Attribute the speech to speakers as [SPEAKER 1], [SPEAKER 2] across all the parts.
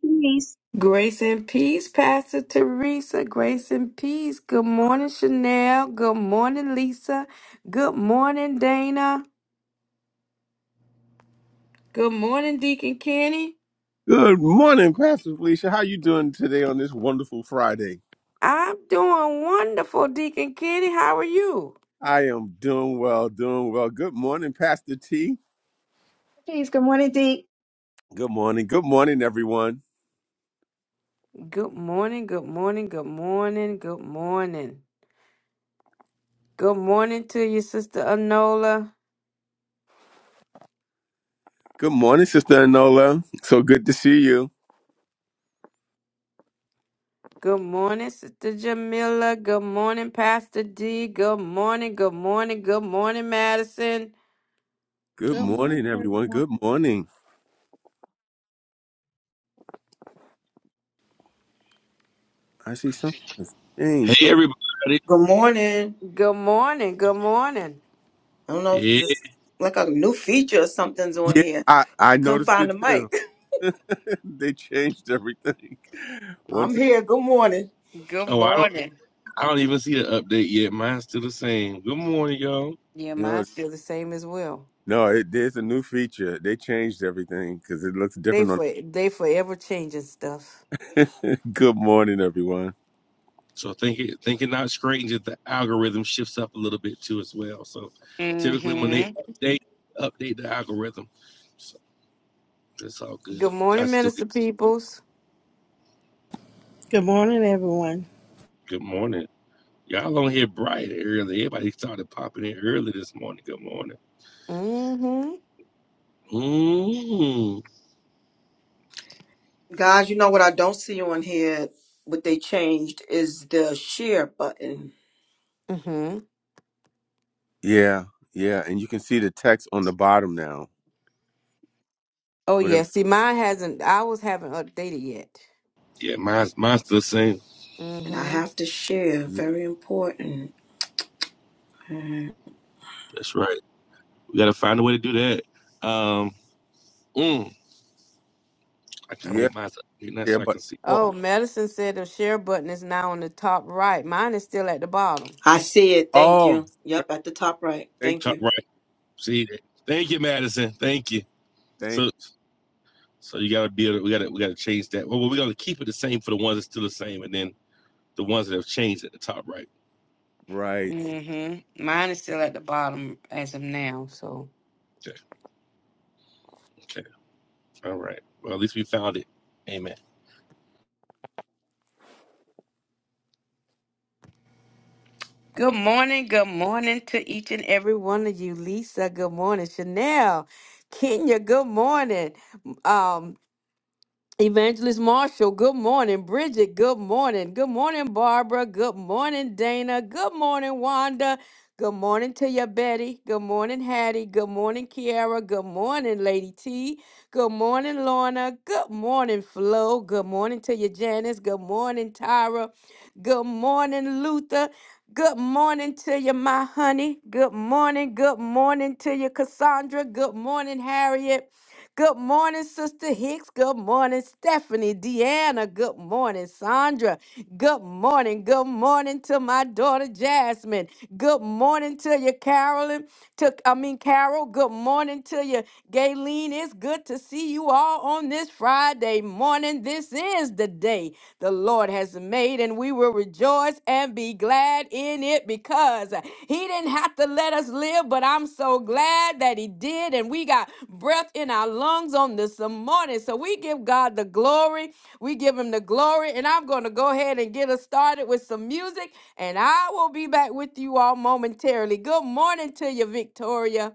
[SPEAKER 1] Please,
[SPEAKER 2] Grace and peace, Pastor Teresa. Grace and peace. Good morning, Chanel. Good morning, Lisa. Good morning, Dana. Good morning, Deacon Kenny.
[SPEAKER 3] Good morning, Pastor Felicia. How you doing today on this wonderful Friday?
[SPEAKER 2] I'm doing wonderful, Deacon Kenny. How are you?
[SPEAKER 3] I am doing well, doing well. Good morning, Pastor T.
[SPEAKER 1] please. Good morning, Dee.
[SPEAKER 3] Good morning. Good morning, everyone.
[SPEAKER 2] Good morning, good morning, good morning, good morning. Good morning to you, Sister Anola.
[SPEAKER 3] Good morning, Sister Anola. So good to see you.
[SPEAKER 2] Good morning, Sister Jamila. Good morning, Pastor D. Good morning, good morning, good morning, Madison.
[SPEAKER 3] Good
[SPEAKER 4] Good morning,
[SPEAKER 3] morning, everyone.
[SPEAKER 4] everyone.
[SPEAKER 3] Good morning. I see something has changed.
[SPEAKER 5] Hey
[SPEAKER 3] Oh,
[SPEAKER 5] everybody.
[SPEAKER 6] Good morning.
[SPEAKER 2] Good morning, good morning.
[SPEAKER 6] I don't know if
[SPEAKER 5] Yeah.
[SPEAKER 6] this like a new feature or something's on
[SPEAKER 3] yeah,
[SPEAKER 6] here.
[SPEAKER 3] I,
[SPEAKER 6] I
[SPEAKER 3] I
[SPEAKER 6] couldn't
[SPEAKER 3] noticed
[SPEAKER 6] find
[SPEAKER 3] it
[SPEAKER 6] the
[SPEAKER 3] too.
[SPEAKER 6] mic.
[SPEAKER 3] they changed everything.
[SPEAKER 6] I'm
[SPEAKER 3] Once again,
[SPEAKER 6] here. Good morning.
[SPEAKER 2] Good
[SPEAKER 5] Oh, I don't
[SPEAKER 2] morning.
[SPEAKER 5] I don't even see the update yet. Mine's still the same. Good morning, y'all.
[SPEAKER 2] Yeah,
[SPEAKER 3] no,
[SPEAKER 2] mine's still the same as well.
[SPEAKER 3] no, it, there's a new feature. They changed everything because it looks
[SPEAKER 2] They
[SPEAKER 3] different
[SPEAKER 2] for they forever changing stuff.
[SPEAKER 3] on. good morning, everyone.
[SPEAKER 5] So thinking thinking out straight and just the algorithm shifts up a little bit too as well. So typically when they
[SPEAKER 2] Mm-hmm.
[SPEAKER 5] update update the algorithm. So that's all good.
[SPEAKER 2] Good
[SPEAKER 5] I
[SPEAKER 2] morning,
[SPEAKER 5] still
[SPEAKER 2] Minister
[SPEAKER 5] get
[SPEAKER 2] Peoples.
[SPEAKER 7] Good morning, everyone.
[SPEAKER 5] good morning. Y'all on here bright and early. Everybody started popping in early this morning. Good morning.
[SPEAKER 2] Mm-hmm.
[SPEAKER 5] Mm.
[SPEAKER 6] Guys, you know what I don't see on here, what they changed is the share button.
[SPEAKER 2] Mm-hmm.
[SPEAKER 3] Yeah, yeah, and you can see the text on the bottom now.
[SPEAKER 2] Oh
[SPEAKER 3] Whatever.
[SPEAKER 2] yeah. See, mine hasn't I was haven't updated yet.
[SPEAKER 5] Yeah, mine's mine's still the same.
[SPEAKER 6] And I
[SPEAKER 2] Mm-hmm.
[SPEAKER 6] have to share.
[SPEAKER 3] y-
[SPEAKER 6] Very important.
[SPEAKER 5] That's right. We gotta find a way to do that. Um mm. I kind of
[SPEAKER 3] Yeah,
[SPEAKER 5] want mine to that
[SPEAKER 3] share
[SPEAKER 5] so I can
[SPEAKER 3] button.
[SPEAKER 5] see.
[SPEAKER 3] Oh,
[SPEAKER 2] Oh, medicine said the share button is now on the top right. Mine is still at the bottom.
[SPEAKER 6] I see it. Thank
[SPEAKER 3] oh,
[SPEAKER 6] you. Yep, at the top right.
[SPEAKER 3] thank you,
[SPEAKER 6] Thank
[SPEAKER 5] Cut
[SPEAKER 6] you.
[SPEAKER 5] Right. See that. Thank you, Madison. Thank you.
[SPEAKER 3] thank. you.
[SPEAKER 5] So so you gotta be it. We gotta we gotta change that. Well, we're gonna keep it the same for the ones that's still the same and then the ones that have changed at the top right.
[SPEAKER 3] Right.
[SPEAKER 2] Mm-hmm. Mine is still at the bottom as of Now, so.
[SPEAKER 5] Okay. Okay. All right. Well, at least we found it. Amen.
[SPEAKER 2] Good morning. Good morning to each and every one of you. Lisa, good morning. Chanel, Kenya, good morning. Um. Evangelist Marshall, good morning. Bridget, good morning. Good morning, Barbara. Good morning, Dana. Good morning, Wanda. Good morning to your Betty. Good morning, Hattie. Good morning, Kiara. Good morning, Lady T. Good morning, Lorna. Good morning, Flo. Good morning to your Janice. Good morning, Tyra. Good morning, Luther. Good morning to you, my honey. Good morning. Good morning to you, Cassandra. Good morning, Harriet. Good morning, Sister Hicks. Good morning, Stephanie, Deanna. Good morning, Sandra. Good morning. Good morning to my daughter Jasmine. Good morning to you, Carolyn. To I mean Carol. Good morning to you, Gayleen. It's good to see you all on this Friday morning. This is the day the Lord has made, and we will will rejoice and be glad in it because he didn't have to let us live, but I'm so glad that he did. And we got breath in our lungs on this morning. So we give God the glory. We give him the glory. And I'm going to go ahead and get us started with some music. And I will be back with you all momentarily. Good morning to you, Victoria.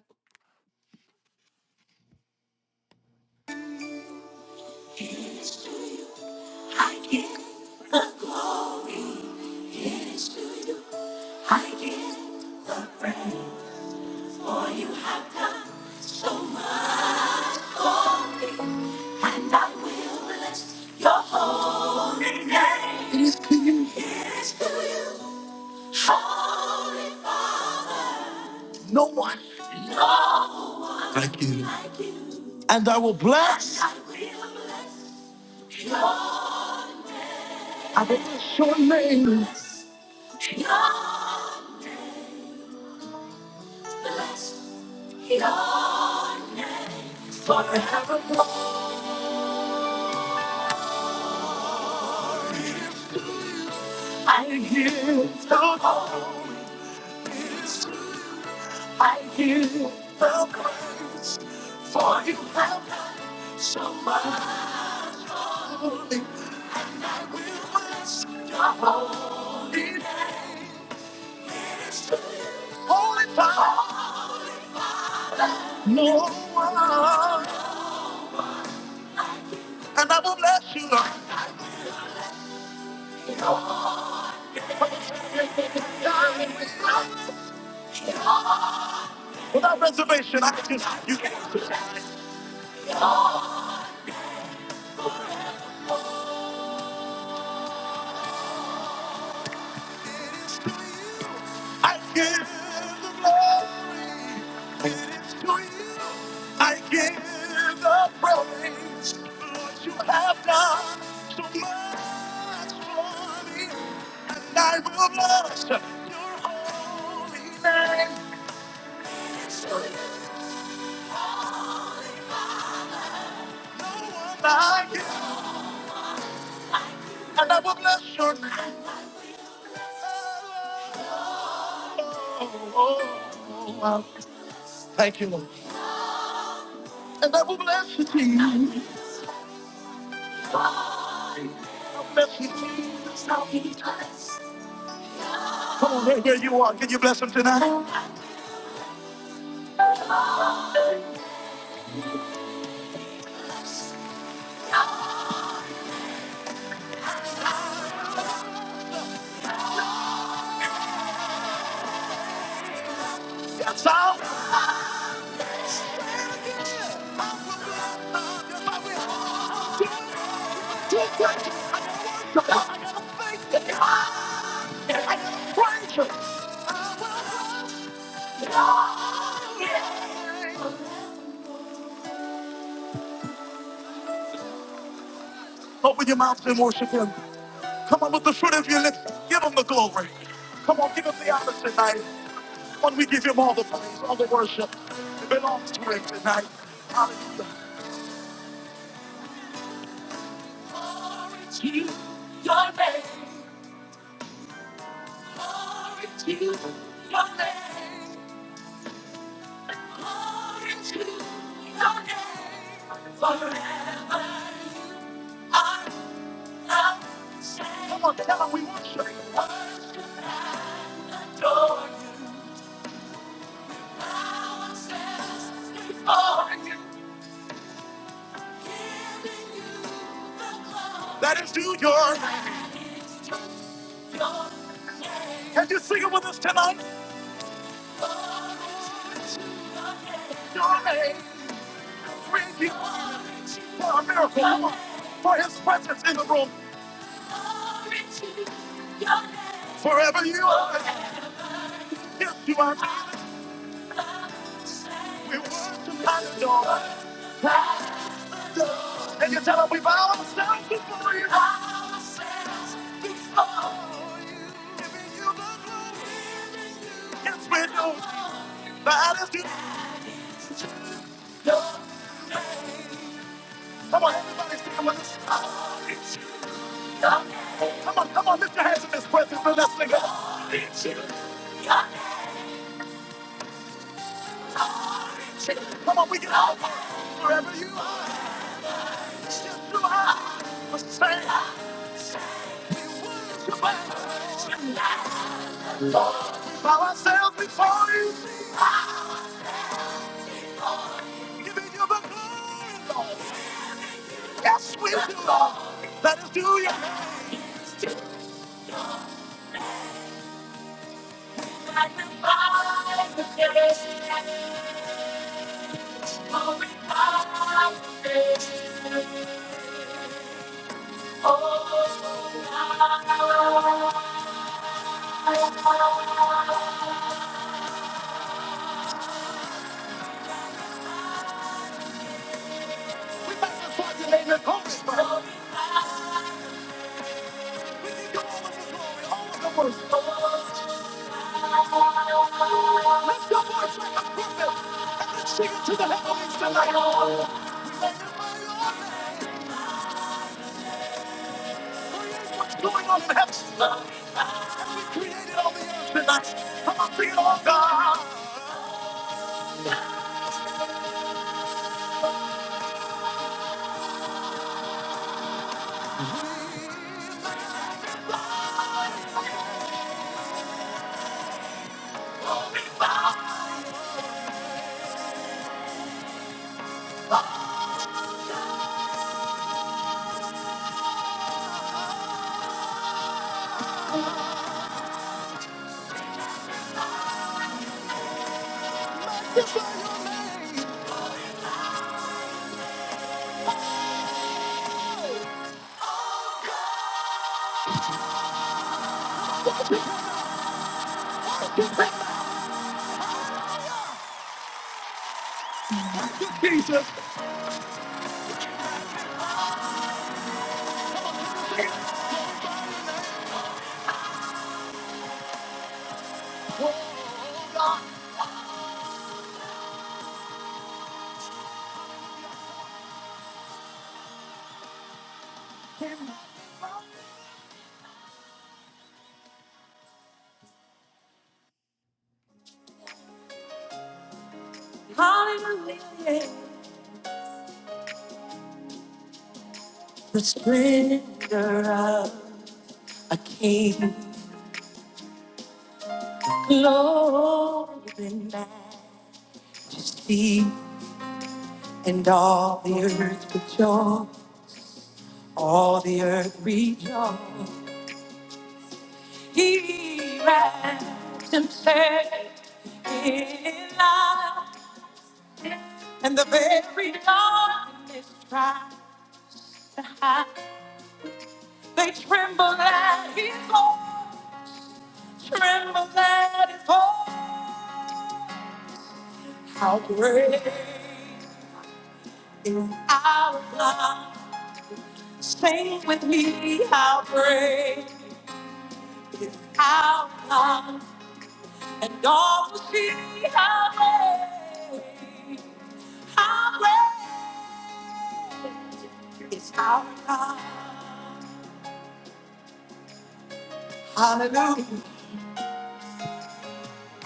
[SPEAKER 2] I give up, yes, to you. I give And I will bless your holy name. It is to you. It is to you. Holy Father. No one. No one. Thank you. Like you. And I will bless. And I will bless your, your name. Bless your name. Forevermore. I give the holy. I give you the praise for you have done so much. We bless you, Holy Father, no one. And I will bless you, Lord. Without reservation, I just, you can. I give the glory. It is to you. I give the praise. Lord, you have done so much for me. And I will bless your holy name. So No one like you. And I will bless your name. Oh, oh, oh, oh. Thank you, Lord. And I will bless you, Jesus. Come on, right where you are, can you bless him tonight? Sound. Open your mouths and worship him. Come on, with the fruit of your lips, give him the glory. Come on, give him the honor tonight. When we give him all the praise, all the worship, it belongs to him tonight. Hallelujah. Glory to your name. Glory to your name. Glory to your name. Forever I love you. Come on, tell tell 'em we worship you. Worship and adore you. Bow ourselves before you. Giving you the glory. That is due your name. That is due your name. Can you sing it with us tonight? Your name, we give you for a miracle. For his presence in the room. Forever you are. Yes, you are. We worship and adore. And you tell him we bow ourselves before you. Yes, we do. That is you. Come on, everybody stand with us. Come on, come on, lift your hands in this presence and let's sing it. Come on, we can all work wherever you are. It's Just do high. Just say, say we worship and bow ourselves before you. Giving you the glory, Lord. Yes, we do, Lord. Let us do your name. Sing it to the heavens tonight. We magnify your name. What's going on in heaven? Ah, He created all the earth and us. Come on, sing it all, God. Jesus. Hallelujah. The splendor of a king. Glory and majesty. And all the earth rejoice. All the earth rejoice. He wraps himself in light. and the very darkness tries to hide. They tremble at his voice, tremble at his voice. How great is our God? Sing with me, how great is our God? And all will see how great, how great is our God. Hallelujah.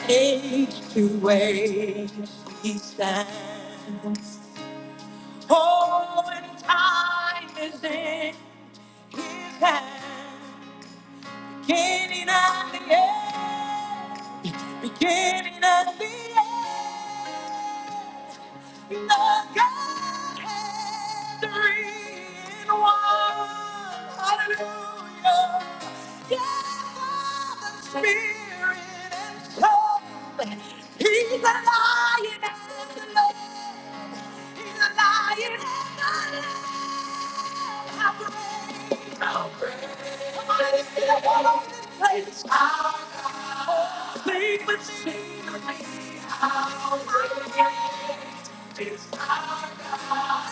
[SPEAKER 2] Age to age he stands. Oh, and time is in his hands. Beginning at the end, beginning at the end, the Godhead, three in one. Hallelujah. Yes, Father, Spirit, and soul. He's the lion and the lamb. He's a lion. How great. How great. Come on, let's get up all over this place. How great. Sing with secretly. How great is our God.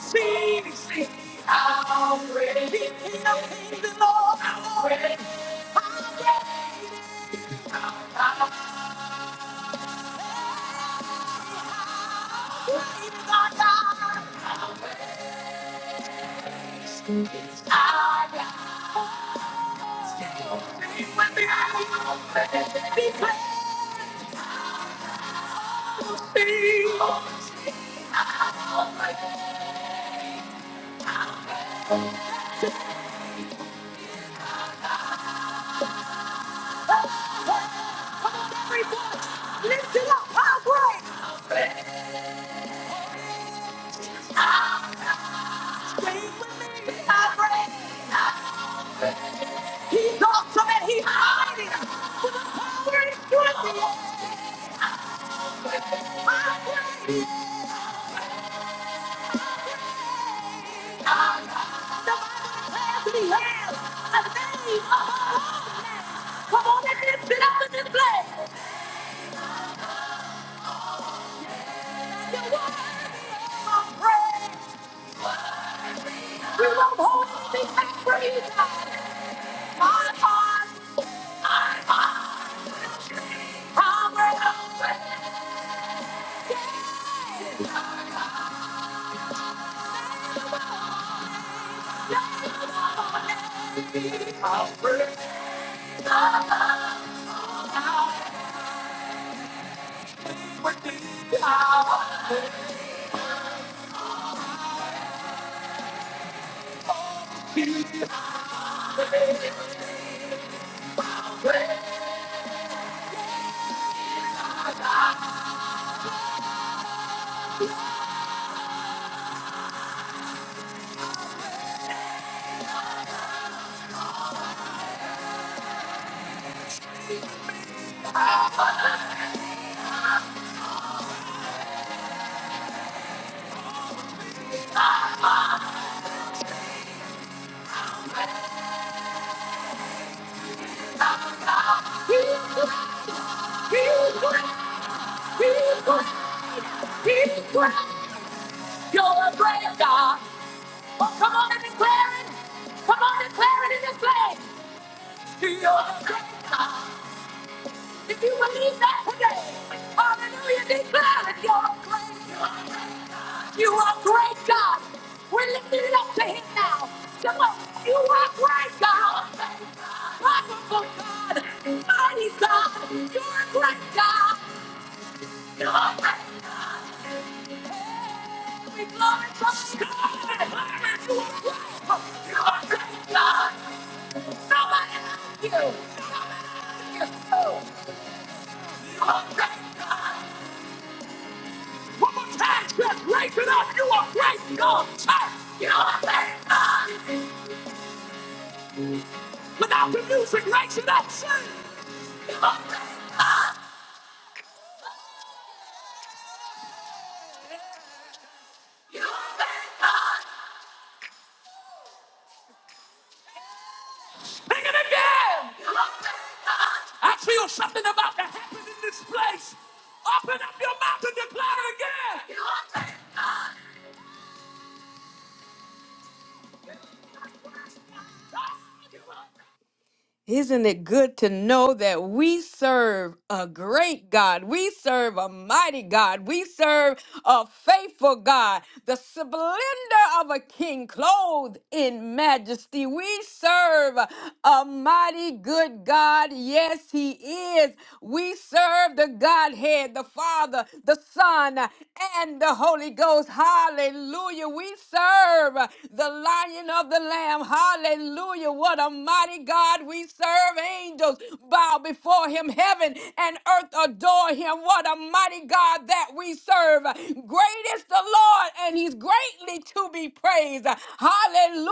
[SPEAKER 2] Sing, sing. How great. He's King of kings and Lord of How great. lords. How great is our God. Our God. Sing with me. How great. He's awesome and he's mighty. With the power and strength of the He's great. He's great. You're a great God. Oh, come on and declare it. Come on and declare it in this place. You're a great God. If you believe that today, hallelujah, declare it. You're a great God. You are great God. We're lifting it up to him now. Come on. You are great God. Wonderful God. Mighty God. You're a great God. Without the music, raise it up, sing. Sing it again. I feel something about to happen in this place. Open up your mouth and declare it again. Isn't it good to know that we serve a great God? We serve a mighty God. We serve a faithful God, the splendor of a king clothed in majesty. We serve a mighty good God. Yes, He is. We serve the Godhead, the Father, the Son, and the Holy Ghost. Hallelujah. We serve uh, the lion of the lamb. Hallelujah. What a mighty God we serve. Angels bow before him. Heaven and earth adore him. What a mighty God that we serve. Great is the Lord, and he's greatly to be praised. Hallelujah.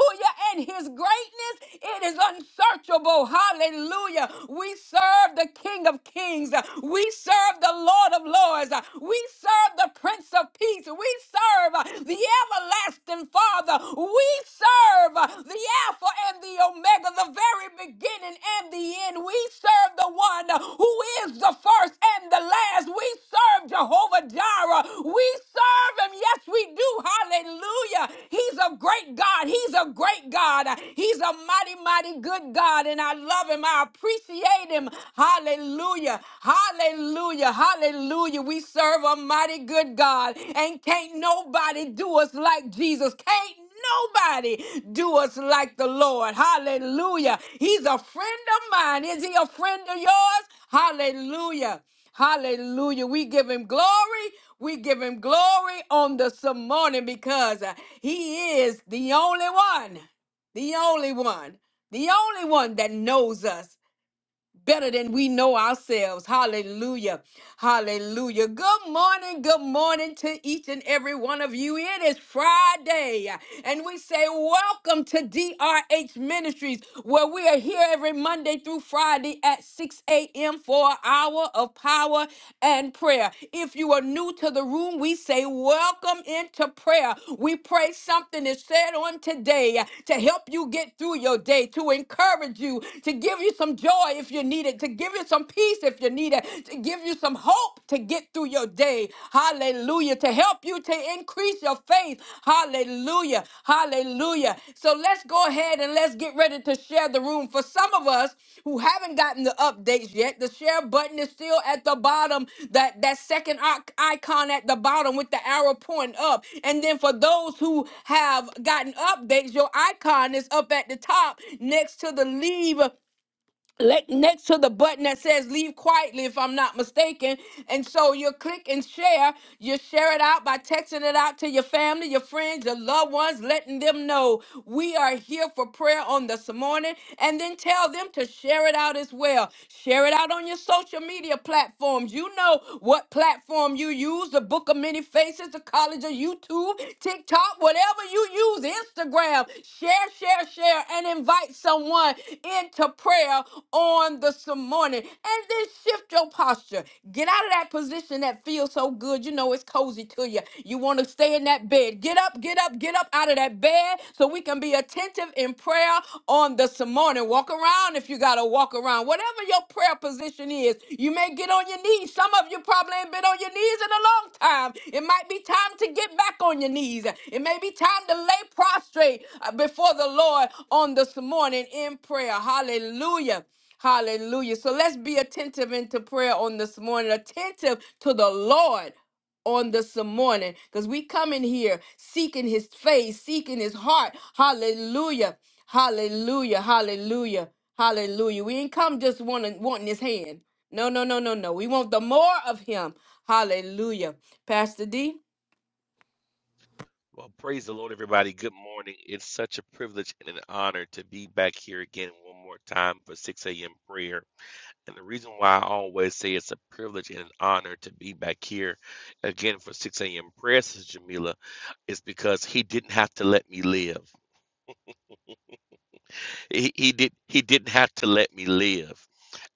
[SPEAKER 2] And his greatness, it is unsearchable. Hallelujah. We serve the King of Kings. We serve the Lord of Lords. We serve the Prince of Peace. We serve uh, the everlasting Father. We serve uh, the Alpha and the Omega, the very beginning and the end. We serve the one uh, who is the first and the last. We serve Jehovah Jireh. We serve him. Yes, we do. Hallelujah. He's a great God. He's a great God. He's a mighty, mighty good God. And I love him. I appreciate him him. Hallelujah. Hallelujah. Hallelujah. We serve a mighty good God. And can't nobody do us like Jesus. Can't nobody do us like the Lord. Hallelujah. He's a friend of mine. Is he a friend of yours? Hallelujah. Hallelujah. We give him glory. We give him glory on this morning because uh, he is the only one, the only one, the only one that knows us better than we know ourselves. Hallelujah. Hallelujah. Good morning. Good morning to each and every one of you. It is Friday, and we say welcome to DRH Ministries, where we are here every Monday through Friday at 6 a.m. for an hour of power and prayer. If you are new to the room, we say welcome into prayer. We pray something is said on today to help you get through your day, to encourage you, to give you some some joy if you need it, to give you some peace if you need it, to give you some hope to get through your day. Hallelujah. To help you to increase your faith. Hallelujah. Hallelujah. So let's go ahead and let's get ready to share the room. For some of us who haven't gotten the updates yet, the share button is still at the bottom, that, that second icon at the bottom with the arrow pointing up. And then for those who have gotten updates, your icon is up at the top next to the leave le- next to the button that says leave quietly if i'm not mistaken and so you click and share you share it out by texting it out to your family your friends your loved ones letting them know we are here for prayer on this morning and then tell them to share it out as well share it out on your social media platforms you know what platform you use the book of many faces to college or YouTube, TikTok, whatever you use, Instagram. Share, share, share, and invite someone into prayer on this morning. And then shift your posture. Get out of that position that feels so good. You know it's cozy to you. You want to stay in that bed. Get up, get up, get up out of that bed so we can be attentive in prayer on this morning. Walk around if you got to walk around. Whatever your prayer position is, you may get on your knees. Some of you probably ain't been on your knees in a long time. It might be time to get back on your knees. It may be time to lay prostrate uh, before the Lord on this morning in prayer. Hallelujah. Hallelujah. So let's be attentive into prayer on this morning, attentive to the Lord on this morning because we come in here seeking his face, seeking his heart. Hallelujah. Hallelujah. Hallelujah. Hallelujah. We ain't come just wanting wanting his hand. No, no, no, no, no. We want the more of him. Hallelujah. Pastor D.
[SPEAKER 5] Well, praise the Lord, everybody. Good morning. It's such a privilege and an honor to be back here again one more time for 6 a.m. prayer. And the reason why I always say it's a privilege and an honor to be back here again for 6 a.m. prayer, Sister Jamila. is because he didn't have to let me live. He, he did he didn't have to let me live.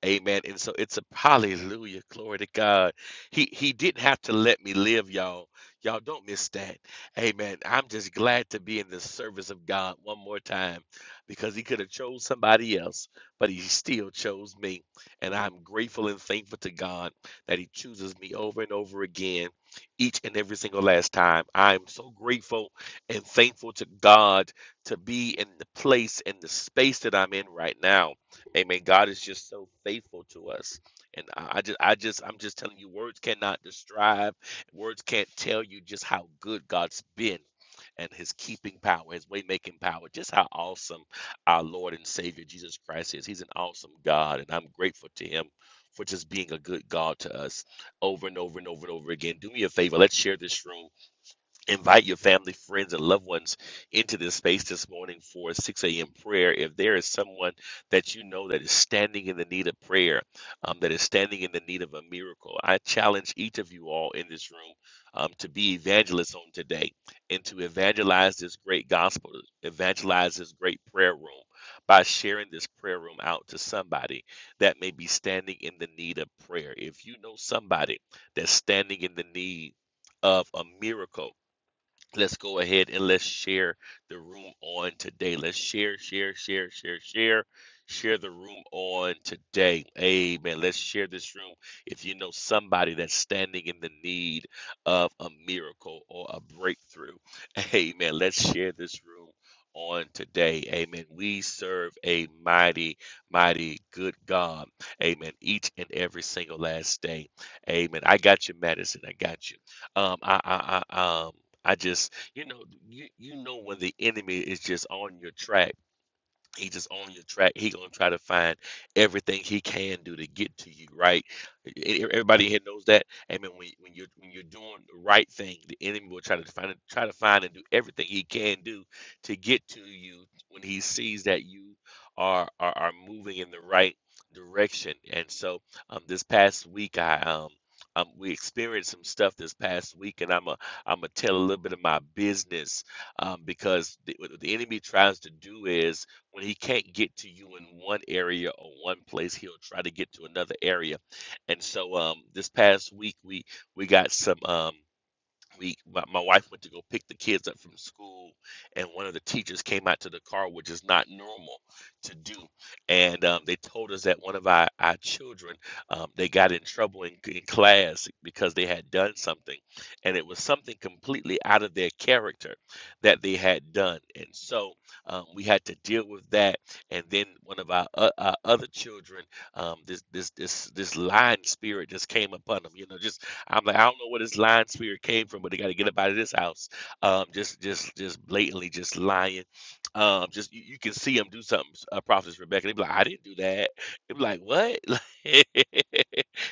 [SPEAKER 5] Amen. And so it's a hallelujah, glory to God. He he didn't have to let me live, y'all. Y'all don't miss that. Amen. I'm just glad to be in the service of God one more time because he could have chose somebody else, but he still chose me. And I'm grateful and thankful to God that he chooses me over and over again, each and every single last time. I'm so grateful and thankful to God to be in the place and the space that I'm in right now. Amen. God is just so faithful to us. And I just I just I'm just telling you, words cannot describe, words can't tell you just how good God's been and his keeping power, his way making power, just how awesome our Lord and Savior Jesus Christ is. He's an awesome God, and I'm grateful to him for just being a good God to us over and over and over and over again. Do me a favor, let's share this room invite your family, friends, and loved ones into this space this morning for 6 a.m. prayer. If there is someone that you know that is standing in the need of prayer, um, that is standing in the need of a miracle, I challenge each of you all in this room um, to be evangelists on today and to evangelize this great gospel, evangelize this great prayer room by sharing this prayer room out to somebody that may be standing in the need of prayer. If you know somebody that's standing in the need of a miracle, Let's go ahead and let's share the room on today. Let's share, share, share, share, share, share the room on today. Amen. Let's share this room if you know somebody that's standing in the need of a miracle or a breakthrough. Amen. Let's share this room on today. Amen. We serve a mighty, mighty good God. Amen. Each and every single last day. Amen. I got you, Madison. I got you. Um, I, I, I, um, I just, you know, you, you know when the enemy is just on your track he just on your track. He gonna try to find everything he can do to get to you, right? E- e- e, Everybody here knows that. Amen. When when you're when you're doing the right thing, the enemy will try to find try to find and do everything he can do to get to you when he sees that you are are, are moving in the right direction. And so, um, this past week, I um. Um, we experienced some stuff this past week, and I'm a I'm gonna tell a little bit of my business um, because the, what the enemy tries to do is when he can't get to you in one area or one place, he'll try to get to another area. And so um, this past week, we we got some. Um, we my, my wife went to go pick the kids up from school and one of the teachers came out to the car which is not normal to do and um, they told us that one of our, our children um, they got in trouble in, in class because they had done something and it was something completely out of their character that they had done and so um, we had to deal with that and then one of our, uh, our other children um, this this this this lying spirit just came upon them you know just I'm like, I don't know where this lying spirit came from, but they got to get up out of this house. Um, just, just, just blatantly, just lying. Um, just you, you can see them do something. Uh, Prophetess Rebecca, they be like, I didn't do that. They be like, what?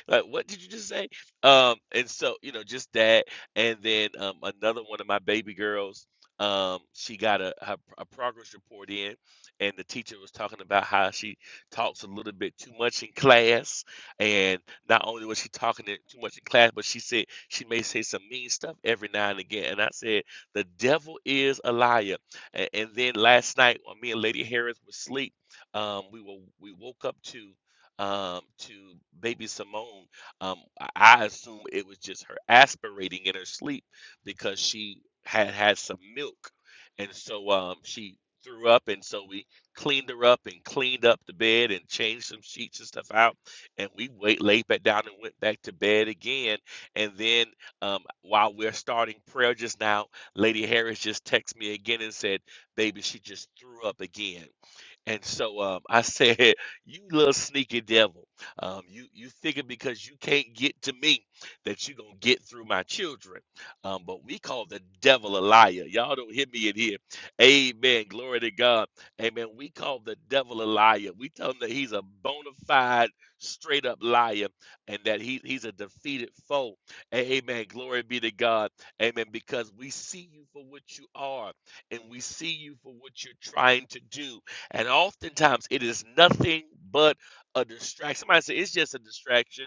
[SPEAKER 5] Like, what did you just say? Um, and so you know, just that. And then um, another one of my baby girls, um, she got a, her, a progress report in, and the teacher was talking about how she talks a little bit too much in class and not only was she talking it too much in class, but she said she may say some mean stuff every now and again. And I said, the devil is a liar. And, and then last night, when me and Lady Harris were asleep, um, we were we woke up to um to baby Simone. Um, I I assume it was just her aspirating in her sleep because she had had some milk, and so um she threw up, and so we cleaned her up and cleaned up the bed and changed some sheets and stuff out and we wait, laid back down and went back to bed again. And then um, while we're starting prayer just now, Lady Harris just texted me again and said, "Baby, she just threw up again." And so um, I said, "You little sneaky devil! Um, you you figure because you can't get to me that you're gonna get through my children." Um, but we call the devil a liar. Y'all don't hear me in here. Amen. Glory to God. Amen. We call the devil a liar. We tell him that he's a bona fide, straight up liar, and that he he's a defeated foe. Amen. Glory be to God. Amen. Because we see you for what you are, and we see you for what you're trying to do and oftentimes it is nothing but a distraction. Somebody say it's just a distraction.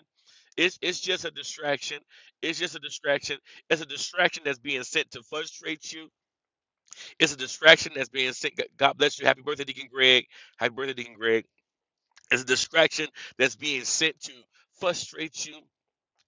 [SPEAKER 5] It's it's just a distraction. It's just a distraction. It's a distraction that's being sent to frustrate you. It's a distraction that's being sent. God bless you. Happy birthday, Deacon Greg. Happy birthday, Deacon Greg. It's a distraction that's being sent to frustrate you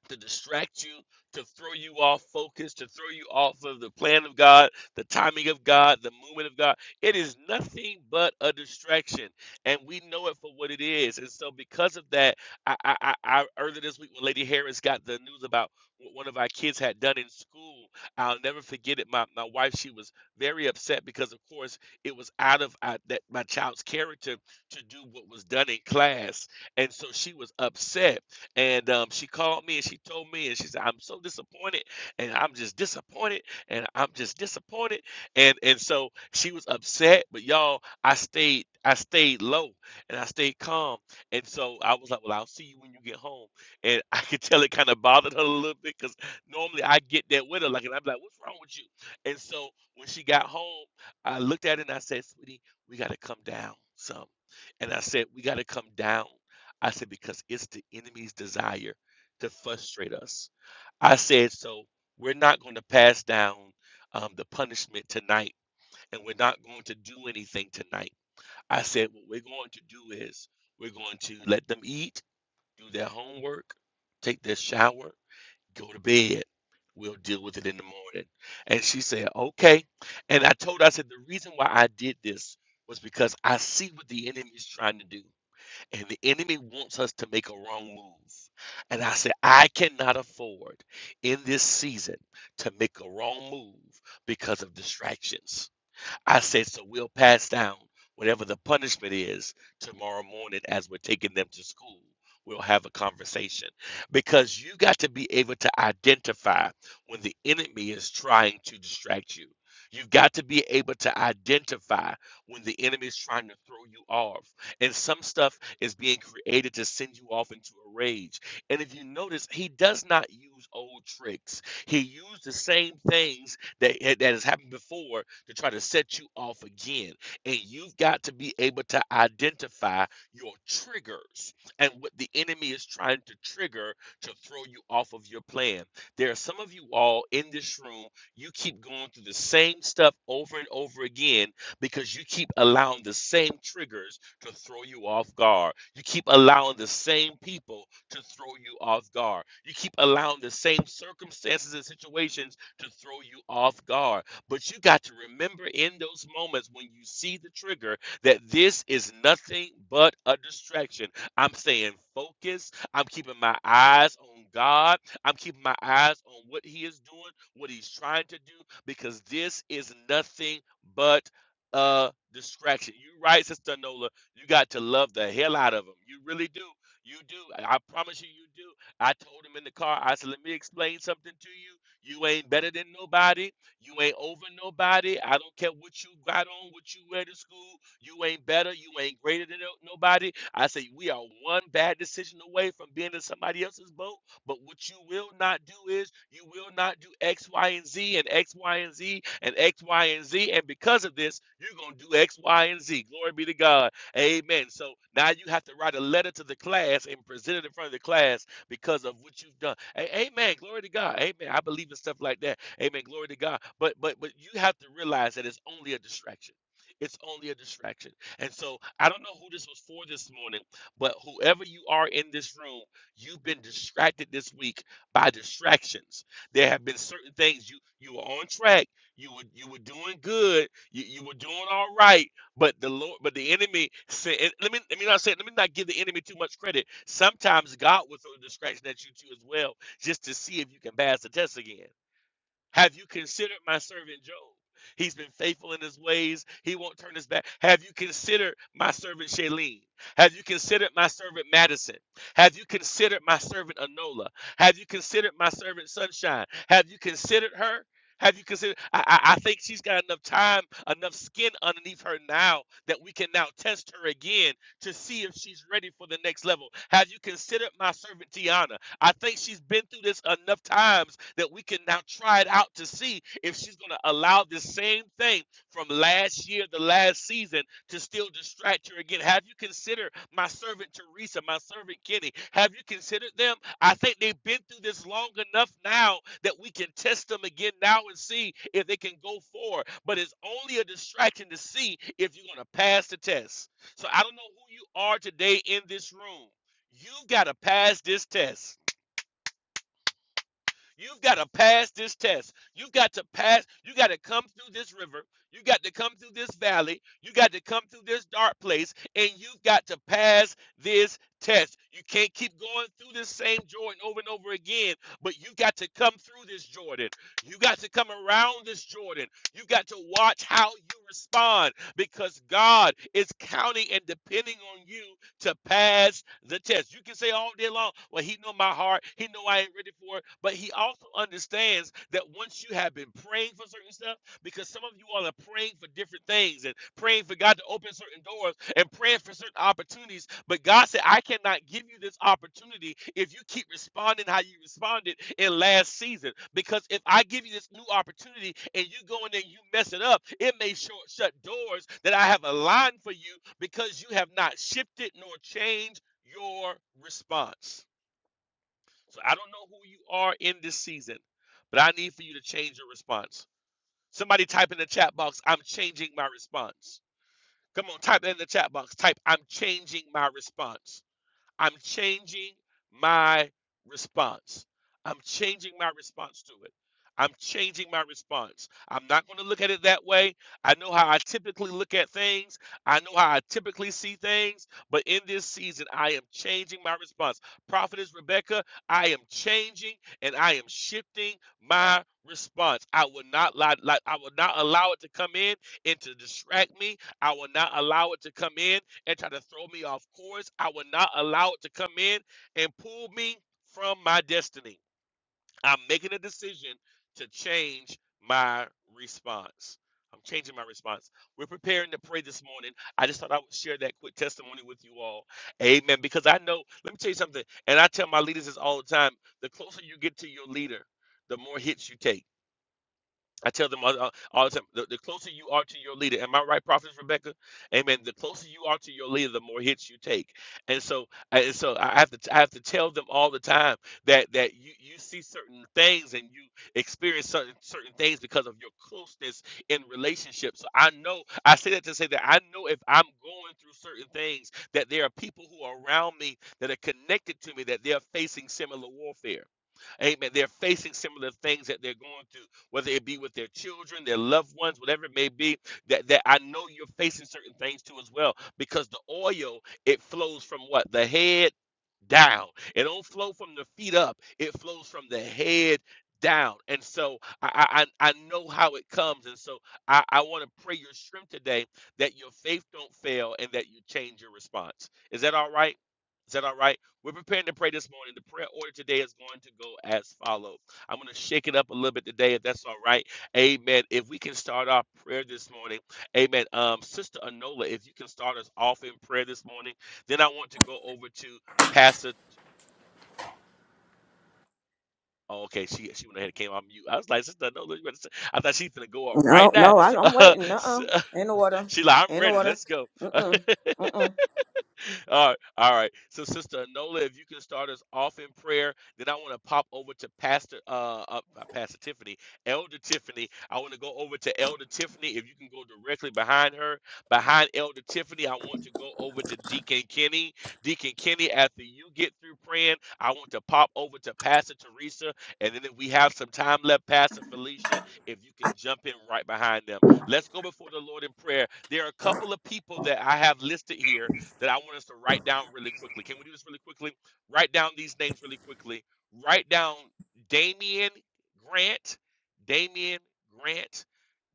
[SPEAKER 5] to distract you, to throw you off focus, to throw you off of the plan of God, the timing of God, the movement of God. It is nothing but a distraction, and we know it for what it is. And so, because of that, I, I, I I- earlier this week when Lady Harris got the news about what one of our kids had done in school, I'll never forget it. My my wife, she was very upset because, of course, it was out of uh, that my child's character to do what was done in class, and so she was upset and um, she called me and she told me, and she said, "I'm so disappointed, and I'm just disappointed, and I'm just disappointed." And and so she was upset, but y'all, I stayed, I stayed low, and I stayed calm. And so I was like, "Well, I'll see you when you get home." And I could tell it kind of bothered her a little bit because normally I get that with her, like, and I'm like, "What's wrong with you?" And so when she got home, I looked at her and I said, "Sweetie, we got to come down some." And I said, "We got to come down I said, because it's the enemy's desire to frustrate us. I said, so we're not going to pass down um, the punishment tonight, and we're not going to do anything tonight. I said, what we're going to do is we're going to let them eat, do their homework, take their shower, go to bed. We'll deal with it in the morning. And she said, okay. And I told her, I said, the reason why I did this was because I see what the enemy is trying to do and the enemy wants us to make a wrong move. And I said, I cannot afford in this season to make a wrong move because of distractions. I said, so we'll pass down whatever the punishment is tomorrow morning as we're taking them to school. We'll have a conversation because you got to be able to identify when the enemy is trying to distract you. You've got to be able to identify when the enemy is trying to throw you off. And some stuff is being created to send you off into a rage. And if you notice, he does not use old tricks, he used the same things that, that has happened before to try to set you off again. And you've got to be able to identify your triggers and what the enemy is trying to trigger to throw you off of your plan. There are some of you all in this room, you keep going through the same stuff over and over again because you keep allowing the same triggers to throw you off guard. You keep allowing the same people to throw you off guard. You keep allowing the same circumstances and situations to throw you off guard. But you got to remember in those moments when you see the trigger that this is nothing but a distraction. I'm staying focused. I'm keeping my eyes on God. I'm keeping my eyes on what He is doing, what He's trying to do, because this is nothing but a distraction. You're right, Sister Nola. You got to love the hell out of him. You really do. You do. I I promise you, you do. I told him in the car, I said, let me explain something to you. You ain't better than nobody. You ain't over nobody. I don't care what you got on, what you wear to school. You ain't better. You ain't greater than no- nobody. I say we are one bad decision away from being in somebody else's boat. But what you will not do is you will not do X, Y, and Z and X, Y, and Z and X, Y, and Z. And because of this, you're going to do X, Y, and Z. Glory be to God. Amen. So now you have to write a letter to the class and present it in front of the class because of what you've done. A- amen. Glory to God. Amen. I believe in stuff like that. Amen. Glory to God. But but but you have to realize that it's only a distraction. It's only a distraction. And so I don't know who this was for this morning, but whoever you are in this room, you've been distracted this week by distractions. There have been certain things you you were on track, you were you were doing good, you, you were doing all right, but the Lord, but the enemy said, and let me let me not say, let me not give the enemy too much credit. Sometimes God will throw a distraction at you too as well, just to see if you can pass the test again. Have you considered my servant Job? He's been faithful in his ways. He won't turn his back. Have you considered my servant Shailene? Have you considered my servant Madison? Have you considered my servant Anola? Have you considered my servant Sunshine? Have you considered her? Have you considered? I, I I think she's got enough time, enough skin underneath her now that we can now test her again to see if she's ready for the next level. Have you considered my servant Tiana? I think she's been through this enough times that we can now try it out to see if she's going to allow this same thing from last year, the last season, to still distract her again. Have you considered my servant Teresa, my servant Kenny? Have you considered them? I think they've been through this long enough now that we can test them again now and see if they can go forward. But it's only a distraction to see if you're going to pass the test. So I don't know who you are today in this room. You've got to pass this test. You've got to pass this test. You've got to pass. You got to come through this river. You got to come through this valley. You got to come through this dark place. And you've got to pass this test. You can't keep going through this same Jordan over and over again, but you got to come through this Jordan. You got to come around this Jordan. You got to watch how you respond because God is counting and depending on you to pass the test. You can say all day long, well, he know my heart, he know I ain't ready for it, but he also understands that once you have been praying for certain stuff, because some of you all are praying for different things and praying for God to open certain doors and praying for certain opportunities. But God said, I cannot give you this opportunity if you keep responding how you responded in last season. Because if I give you this new opportunity and you go in there and you mess it up, it may short shut doors that I have aligned for you because you have not shifted nor changed your response. So I don't know who you are in this season, but I need for you to change your response. Somebody type in the chat box, I'm changing my response. Come on, type in the chat box. Type, I'm changing my response. I'm changing my response. I'm changing my response to it. I'm changing my response. I'm not going to look at it that way. I know how I typically look at things. I know how I typically see things. But in this season, I am changing my response. Prophetess Rebecca, I am changing and I am shifting my response. I will not lie, lie, I will not allow it to come in and to distract me. I will not allow it to come in and try to throw me off course. I will not allow it to come in and pull me from my destiny. I'm making a decision to change my response. I'm changing my response. We're preparing to pray this morning. I just thought I would share that quick testimony with you all. Amen. Because I know, let me tell you something, and I tell my leaders this all the time the closer you get to your leader, the more hits you take I tell them all, all the time, the, the closer you are to your leader, am I right, Prophetess Rebecca? Amen. The closer you are to your leader, the more hits you take. And so, and so I have to, I have to tell them all the time that that you you see certain things and you experience certain certain things because of your closeness in relationships. So I know, I say that to say that I know if I'm going through certain things, that there are people who are around me that are connected to me that they're facing similar warfare. Amen. They're facing similar things that they're going through whether it be with their children, their loved ones, whatever it may be, that, that I know you're facing certain things too as well. Because the oil, it flows from what? The head down. It don't flow from the feet up. It flows from the head down. And so I I, I know how it comes. And so I, I want to pray your strength today that your faith don't fail and that you change your response. Is that all right? Is that all right? We're preparing to pray this morning. The prayer order today is going to go as follows. I'm going to shake it up a little bit today, if that's all right. Amen. If we can start our prayer this morning, amen. Um, Sister Anola, if you can start us off in prayer this morning, then I want to go over to Pastor. Oh, okay, she she went ahead and came on mute. I was like, Sister Anola, you better say-" I thought she's going to go up
[SPEAKER 6] No,
[SPEAKER 5] right now.
[SPEAKER 6] no, I, I'm waiting. Uh-uh. In order.
[SPEAKER 5] she like, I'm
[SPEAKER 6] In
[SPEAKER 5] ready.
[SPEAKER 6] order.
[SPEAKER 5] Let's go.
[SPEAKER 6] Uh-uh. Uh-uh.
[SPEAKER 5] All right, all right. So, Sister Anola, if you can start us off in prayer, then I want to pop over to Pastor, uh, uh, uh, Pastor Tiffany, Elder Tiffany. I want to go over to Elder Tiffany. If you can go directly behind her, behind Elder Tiffany, I want to go over to Deacon Kenny. Deacon Kenny, after you get through praying, I want to pop over to Pastor Teresa, and then if we have some time left, Pastor Felicia, if you can jump in right behind them. Let's go before the Lord in prayer. There are a couple of people that I have listed here that I want us to write down really quickly. Can we do this really quickly? Write down these names really quickly. Write down Damian Grant, Damian Grant,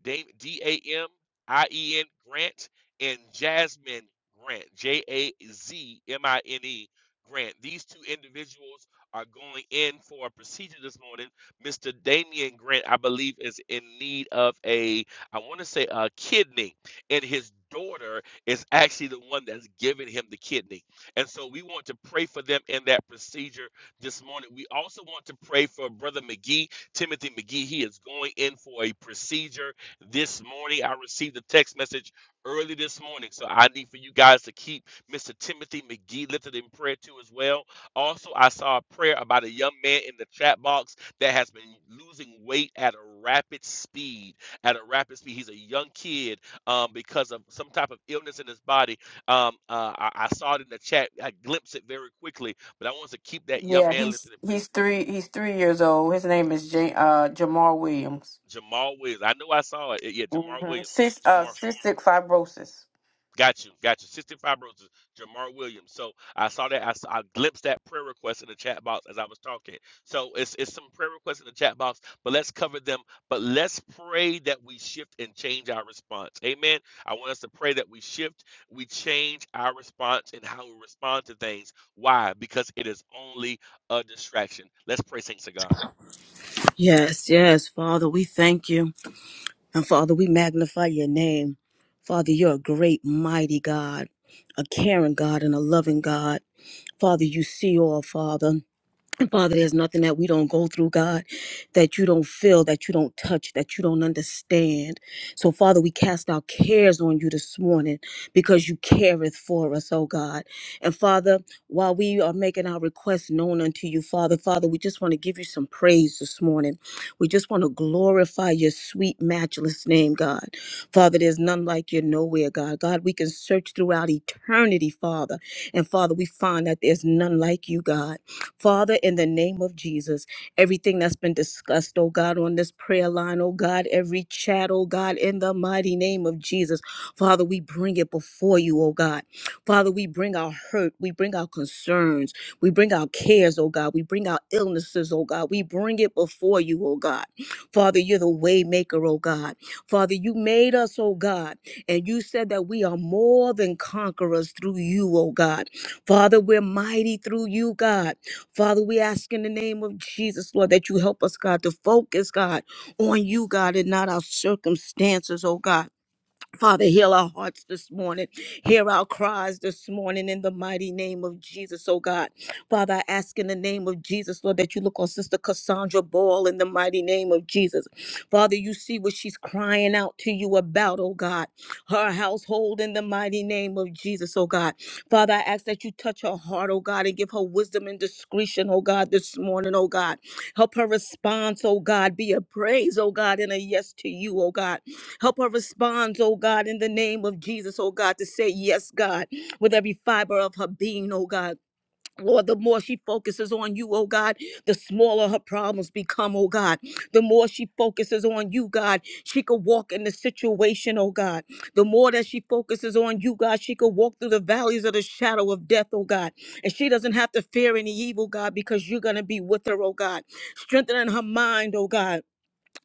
[SPEAKER 5] D A M I E N Grant, and Jasmine Grant, J A Z M I N E Grant. These two individuals are going in for a procedure this morning. Mr. Damian Grant, I believe, is in need of a, I want to say, a kidney, and his daughter is actually the one that's giving him the kidney. And so we want to pray for them in that procedure this morning. We also want to pray for Brother McGee, Timothy McGee. He is going in for a procedure this morning. I received a text message early this morning. So I need for you guys to keep Mr. Timothy McGee lifted in prayer too as well. Also, I saw a prayer about a young man in the chat box that has been losing weight at a rapid speed. At a rapid speed. He's a young kid um, because of some type of illness in his body. Um, uh, I, I saw it in the chat. I glimpsed it very quickly, but I wanted to keep that young
[SPEAKER 2] Yeah,
[SPEAKER 5] man
[SPEAKER 2] he's
[SPEAKER 5] lifted.
[SPEAKER 2] he's three he's three years old. His name is J- uh Jamar Williams.
[SPEAKER 5] Jamal Williams. I know I saw it. Yeah, Jamal
[SPEAKER 2] Mm-hmm.
[SPEAKER 5] Williams.
[SPEAKER 2] Cis, uh,
[SPEAKER 5] Jamal.
[SPEAKER 2] cystic fibrosis.
[SPEAKER 5] Got you, got you. Cystic fibrosis, Jamar Williams. So I saw that. I saw, I glimpsed that prayer request in the chat box as I was talking. So it's it's some prayer requests in the chat box, but let's cover them. But let's pray that we shift and change our response. Amen. I want us to pray that we shift, we change our response and how we respond to things. Why? Because it is only a distraction. Let's pray, saints of God.
[SPEAKER 6] Yes, yes, Father, we thank you. And Father, we magnify your name. Father, you're a great, mighty God, a caring God, and a loving God. Father, you see all, Father. Father, there's nothing that we don't go through, God, that you don't feel, that you don't touch, that you don't understand. So, Father, we cast our cares on you this morning because you careth for us, oh God. And Father, while we are making our requests known unto you, Father, Father, we just want to give you some praise this morning. We just want to glorify your sweet, matchless name, God. Father, there's none like you nowhere, God. God, we can search throughout eternity, Father. And Father, we find that there's none like you, God. Father, in the name of Jesus, everything that's been discussed, oh God, on this prayer line, oh God, every chat, oh God, in the mighty name of Jesus, Father, we bring it before you, oh God. Father, we bring our hurt, we bring our concerns, we bring our cares, oh God, we bring our illnesses, oh God, we bring it before you, oh God. Father, you're the way maker, oh God. Father, you made us, oh God, and you said that we are more than conquerors through you, oh God. Father, we're mighty through you, God. Father, we ask in the name of Jesus, Lord, that you help us, God, to focus, God, on you, God, and not our circumstances, oh God. Father, heal our hearts this morning. Hear our cries this morning in the mighty name of Jesus, oh God. Father, I ask in the name of Jesus, Lord, that you look on Sister Cassandra Ball in the mighty name of Jesus. Father, you see what she's crying out to you about, oh God. Her household in the mighty name of Jesus, oh God. Father, I ask that you touch her heart, oh God, and give her wisdom and discretion, oh God, this morning, oh God. Help her response, oh God, be a praise, oh God, and a yes to you, oh God. Help her respond, oh God, in the name of Jesus, oh God, to say yes, God, with every fiber of her being, oh God. Lord, the more she focuses on you, oh God, the smaller her problems become, oh God. The more she focuses on you, God, she could walk in the situation, oh God. The more that she focuses on you, God, she could walk through the valleys of the shadow of death, oh God. And she doesn't have to fear any evil, God, because you're going to be with her, oh God. Strengthening her mind, oh God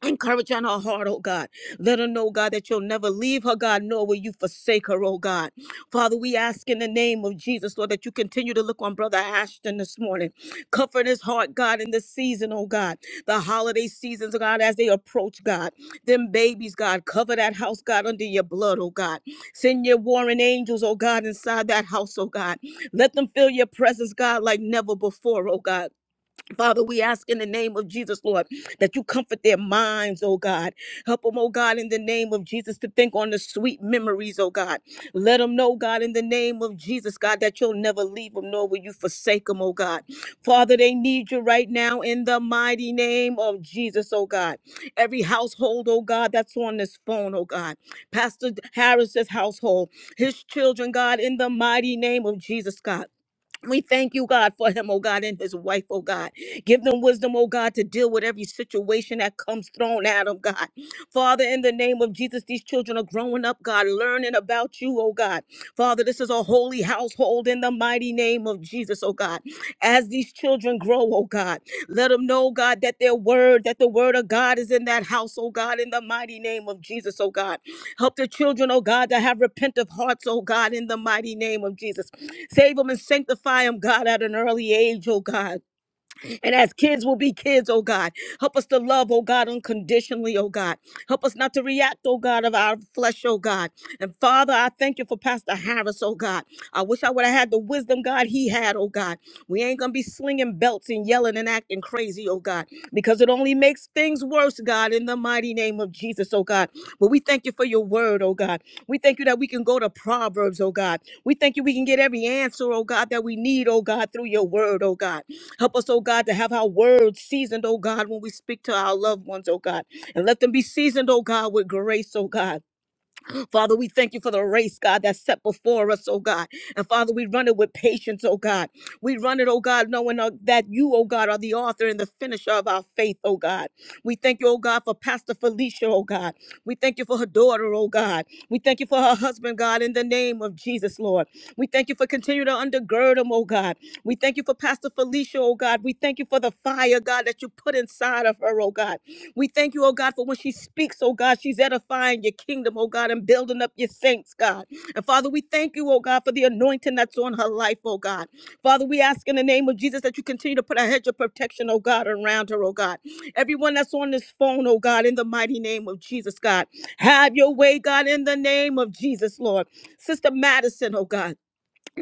[SPEAKER 6] Encourage her in her heart, oh God. Let her know, God, that you'll never leave her, God, nor will you forsake her, oh God. Father, we ask in the name of Jesus, Lord, that you continue to look on Brother Ashton this morning. Comfort his heart, God, in this season, oh God. The holiday seasons, God, as they approach, God. Them babies, God, cover that house, God, under your blood, oh God. Send your warring angels, oh God, inside that house, oh God. Let them feel your presence, God, like never before, oh God. Father, we ask in the name of Jesus, Lord, that you comfort their minds, oh God. Help them, oh God, in the name of Jesus, to think on the sweet memories, oh God. Let them know, God, in the name of Jesus, God, that you'll never leave them, nor will you forsake them, oh God. Father, they need you right now in the mighty name of Jesus, oh God. Every household, oh God, that's on this phone, oh God. Pastor Harris's household, his children, God, in the mighty name of Jesus, God. We thank you, God, for him, oh God, and his wife, oh God. Give them wisdom, oh God, to deal with every situation that comes thrown at them, God. Father, in the name of Jesus, these children are growing up, God, learning about you, oh God. Father, this is a holy household in the mighty name of Jesus, oh God. As these children grow, oh God, let them know, God, that their word, that the word of God is in that house, oh God, in the mighty name of Jesus, oh God. Help the children, oh God, to have repentant hearts, oh God, in the mighty name of Jesus. Save them and sanctify them, God, at an early age, oh God. And as kids will be kids, oh God, help us to love, oh God, unconditionally, oh God. Help us not to react, oh God, of our flesh, oh God. And Father, I thank you for Pastor Harris, oh God. I wish I would have had the wisdom, God, he had, oh God. We ain't going to be slinging belts and yelling and acting crazy, oh God, because it only makes things worse, God, in the mighty name of Jesus, oh God. But we thank you for your word, oh God. We thank you that we can go to Proverbs, oh God. We thank you we can get every answer, oh God, that we need, oh God, through your word, oh God. Help us, oh God, to have our words seasoned, oh God, when we speak to our loved ones, oh God. And let them be seasoned, oh God, with grace, oh God. Father, we thank you for the race, God, that's set before us, oh God. And Father, we run it with patience, oh God. We run it, oh God, knowing uh, that you, oh God, are the author and the finisher of our faith, oh God. We thank you, oh God, for Pastor Felicia, oh God. We thank you for her daughter, oh God. We thank you for her husband, God, in the name of Jesus, Lord. We thank you for continuing to undergird them, oh God. We thank you for Pastor Felicia, oh God. We thank you for the fire, God, that you put inside of her, oh God. We thank you, oh God, for when she speaks, oh God, she's edifying your kingdom, oh God, and building up your saints, God. And Father, we thank you, oh God, for the anointing that's on her life, oh God. Father, we ask in the name of Jesus that you continue to put a hedge of protection, oh God, around her, oh God. Everyone that's on this phone, oh God, in the mighty name of Jesus, God. Have your way, God, in the name of Jesus, Lord. Sister Madison, oh God.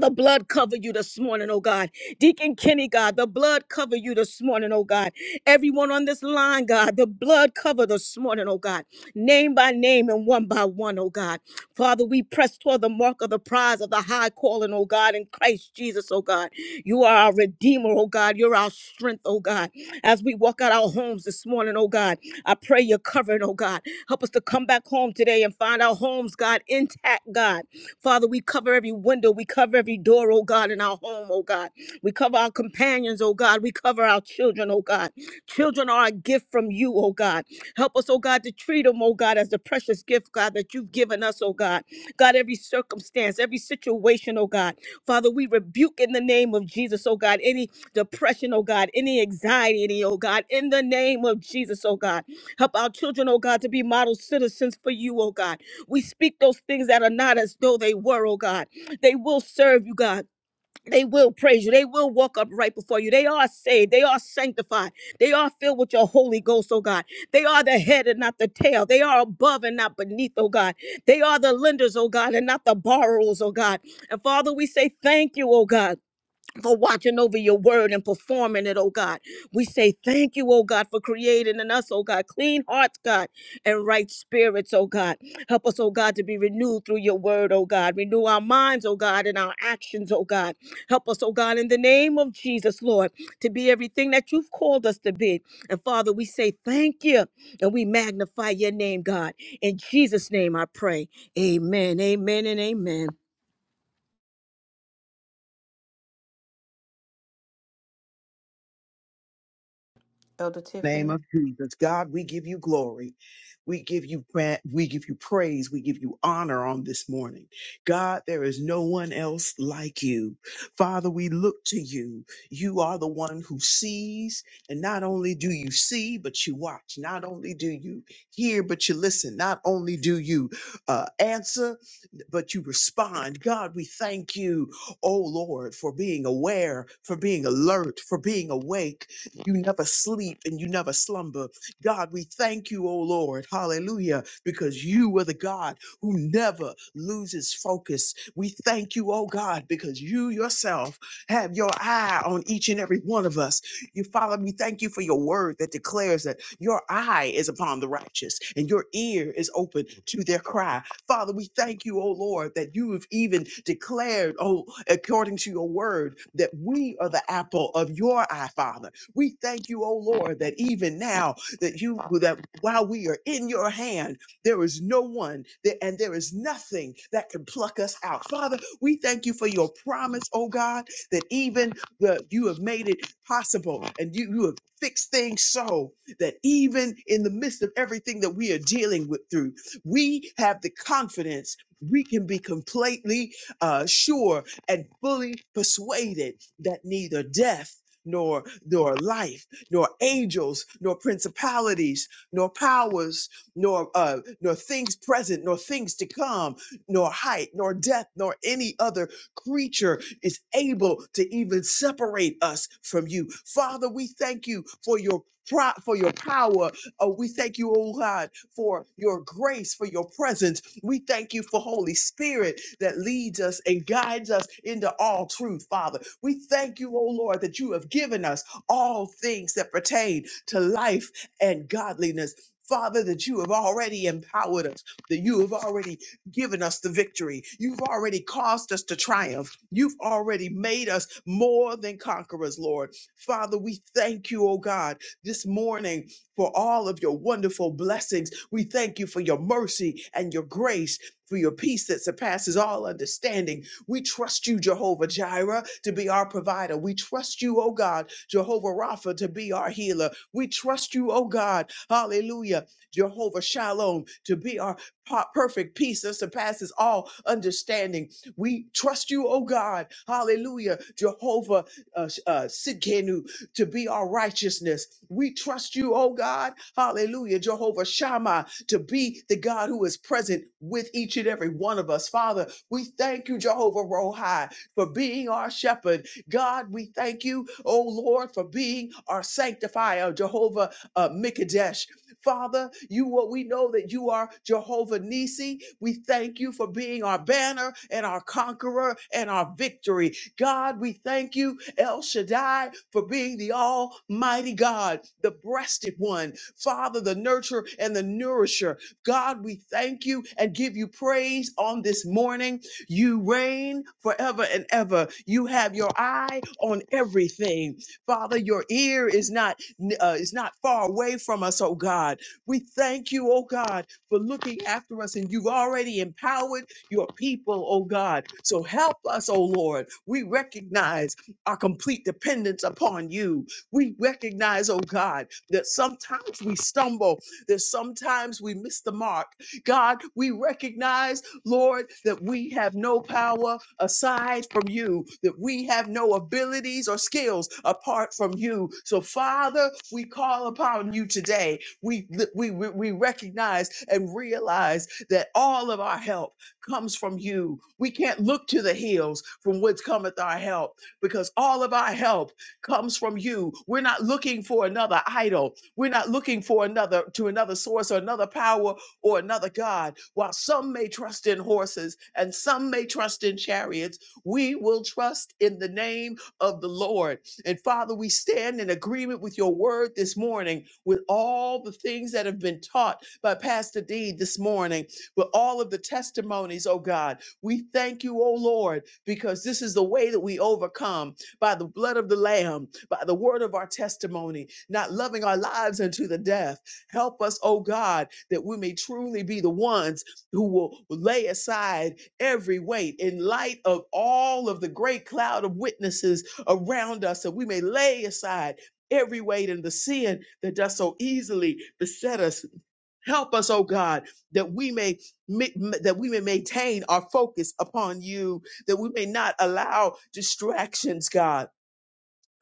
[SPEAKER 6] The blood cover you this morning, oh God. Deacon Kenny, God, the blood cover you this morning, oh God. Everyone on this line, God, the blood cover this morning, oh God. Name by name and one by one, oh God. Father, we press toward the mark of the prize of the high calling, oh God, in Christ Jesus, oh God. You are our redeemer, oh God. You're our strength, oh God. As we walk out our homes this morning, oh God, I pray you're covering, oh God. Help us to come back home today and find our homes, God, intact, God. Father, we cover every window, we cover every door, oh God, in our home, oh God. We cover our companions, oh God. We cover our children, oh God. Children are a gift from you, oh God. Help us, oh God, to treat them, oh God, as the precious gift, God, that you've given us, oh God. God, every circumstance, every situation, oh God. Father, we rebuke in the name of Jesus, oh God, any depression, oh God, any anxiety, any, oh God, in the name of Jesus, oh God. Help our children, oh God, to be model citizens for you, oh God. We speak those things that are not as though they were, oh God. They will serve you, God. They will praise you. They will walk up right before you. They are saved. They are sanctified. They are filled with your Holy Ghost, oh God. They are the head and not the tail. They are above and not beneath, oh God. They are the lenders, oh God, and not the borrowers, oh God. And Father, we say thank you, oh God for watching over your word and performing it, oh God. We say thank you, oh God, for creating in us, oh God, clean hearts, God, and right spirits, oh God. Help us, oh God, to be renewed through your word, oh God. Renew our minds, oh God, and our actions, oh God. Help us, oh God, in the name of Jesus, Lord, to be everything that you've called us to be. And Father, we say thank you and we magnify your name, God. In Jesus' name I pray. Amen, amen, and amen.
[SPEAKER 2] Elder
[SPEAKER 8] name
[SPEAKER 2] Tiffany.
[SPEAKER 8] of Jesus. God, we give you glory. We give you pra- we give you praise. We give you honor on this morning. God, there is no one else like you. Father, we look to you. You are the one who sees, and not only do you see, but you watch. Not only do you hear, but you listen. Not only do you uh, answer, but you respond. God, we thank you, oh Lord, for being aware, for being alert, for being awake. You never sleep and you never slumber. God, we thank you, oh Lord, hallelujah, because you are the God who never loses focus. We thank you, oh God, because you yourself have your eye on each and every one of us. You Father, we thank you for your word that declares that your eye is upon the righteous and your ear is open to their cry. Father, we thank you, oh Lord, that you have even declared, oh, according to your word, that we are the apple of your eye, Father. We thank you, oh Lord, that even now that you that while we are in your hand, there is no one that, and there is nothing that can pluck us out. Father, we thank you for your promise, oh God, that even the, you have made it possible and you, you have fixed things so that even in the midst of everything that we are dealing with through, we have the confidence we can be completely uh, sure and fully persuaded that neither death nor nor life nor angels nor principalities nor powers nor uh nor things present nor things to come nor height nor depth nor any other creature is able to even separate us from you. Father, we thank you for your pro- for your power. Oh, we thank you, oh God, for your grace, for your presence. We thank you for Holy Spirit that leads us and guides us into all truth, Father. We thank you, oh Lord, that you have given us all things that pertain to life and godliness. Father, that you have already empowered us, that you have already given us the victory. You've already caused us to triumph. You've already made us more than conquerors, Lord. Father, we thank you, oh God, this morning for all of your wonderful blessings. We thank you for your mercy and your grace. For your peace that surpasses all understanding. We trust you, Jehovah Jireh, to be our provider. We trust you, oh God, Jehovah Rapha, to be our healer. We trust you, oh God, hallelujah, Jehovah Shalom, to be our pa- perfect peace that surpasses all understanding. We trust you, oh God. Hallelujah. Jehovah uh, uh, Sidkenu to be our righteousness. We trust you, oh God. Hallelujah. Jehovah Shammah to be the God who is present with each and every one of us. Father, we thank you, Jehovah Rohi, for being our shepherd. God, we thank you, oh Lord, for being our sanctifier, Jehovah uh, Mikadesh. Father, you what we know that you are Jehovah Nissi. We thank you for being our banner and our conqueror and our victory. God, we thank you, El Shaddai, for being the Almighty God, the breasted one, Father, the nurturer and the nourisher. God, we thank you and give you praise on this morning. You reign forever and ever. You have your eye on everything. Father, your ear is not n- uh, is not far away from us, oh God. We thank you, oh God, for looking after us, and you've already empowered your people, oh God. So help us, oh Lord. We recognize our complete dependence upon you. We recognize, oh God, that sometimes we stumble, that sometimes we miss the mark. God, we recognize. Lord, that we have no power aside from you, that we have no abilities or skills apart from you. So, Father, we call upon you today. We, we, we we recognize and realize that all of our help comes from you. We can't look to the hills from whence cometh our help because all of our help comes from you. We're not looking for another idol. We're not looking for another to another source or another power or another God. While some may trust in horses and some may trust in chariots, we will trust in the name of the Lord. And Father, we stand in agreement with your word this morning, with all the things that have been taught by Pastor D this morning, with all of the testimonies, oh God. We thank you, oh Lord, because this is the way that we overcome by the blood of the Lamb, by the word of our testimony, not loving our lives unto the death. Help us, oh God, that we may truly be the ones who will lay aside every weight in light of all of the great cloud of witnesses around us, that we may lay aside every weight and the sin that does so easily beset us. Help us, oh God, that we may ma- that we may maintain our focus upon you, that we may not allow distractions, God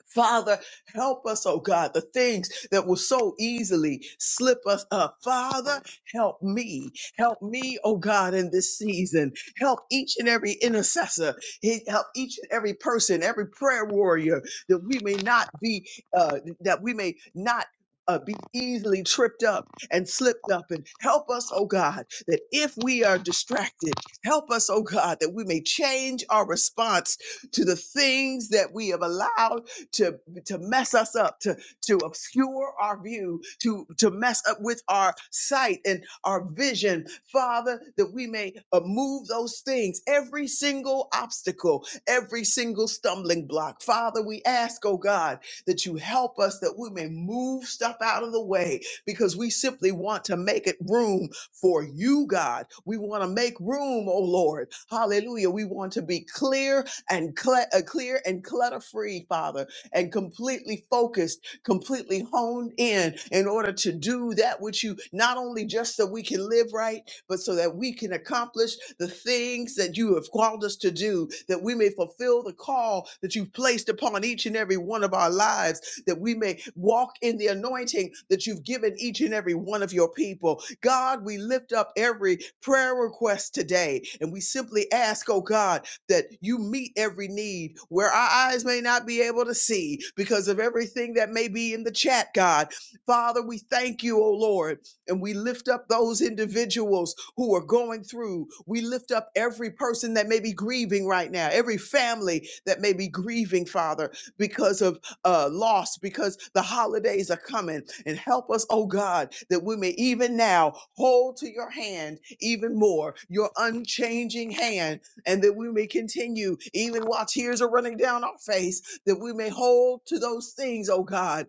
[SPEAKER 8] Father, help us, oh God, the things that will so easily slip us up. Father, help me. Help me, oh God, in this season. Help each and every intercessor. He- Help each and every person, every prayer warrior, that we may not be, uh, that we may not. Uh, be easily tripped up and slipped up and help us oh god that if we are distracted help us oh god that we may change our response to the things that we have allowed to to mess us up, to to obscure our view, to to mess up with our sight and our vision, Father, that we may uh, move those things, every single obstacle, every single stumbling block. Father, we ask, oh God, that you help us that we may move stuff out of the way because we simply want to make it room for you, God. We want to make room, oh Lord. Hallelujah. We want to be clear and cle- uh, clear and clutter free, Father and completely focused, completely honed in in order to do that which you not only just so we can live right, but so that we can accomplish the things that you have called us to do, that we may fulfill the call that you've placed upon each and every one of our lives, that we may walk in the anointing that you've given each and every one of your people. God, we lift up every prayer request today and we simply ask, oh God that you meet every need where our eyes may not be able to see because of everything that may be in the chat, God. Father, we thank you, O Lord, and we lift up those individuals who are going through. We lift up every person that may be grieving right now, every family that may be grieving, Father, because of uh, loss, because the holidays are coming. And help us, oh God, that we may even now hold to your hand even more, your unchanging hand and that we may continue, even while tears are running down our face, that we may hold to those things, oh God.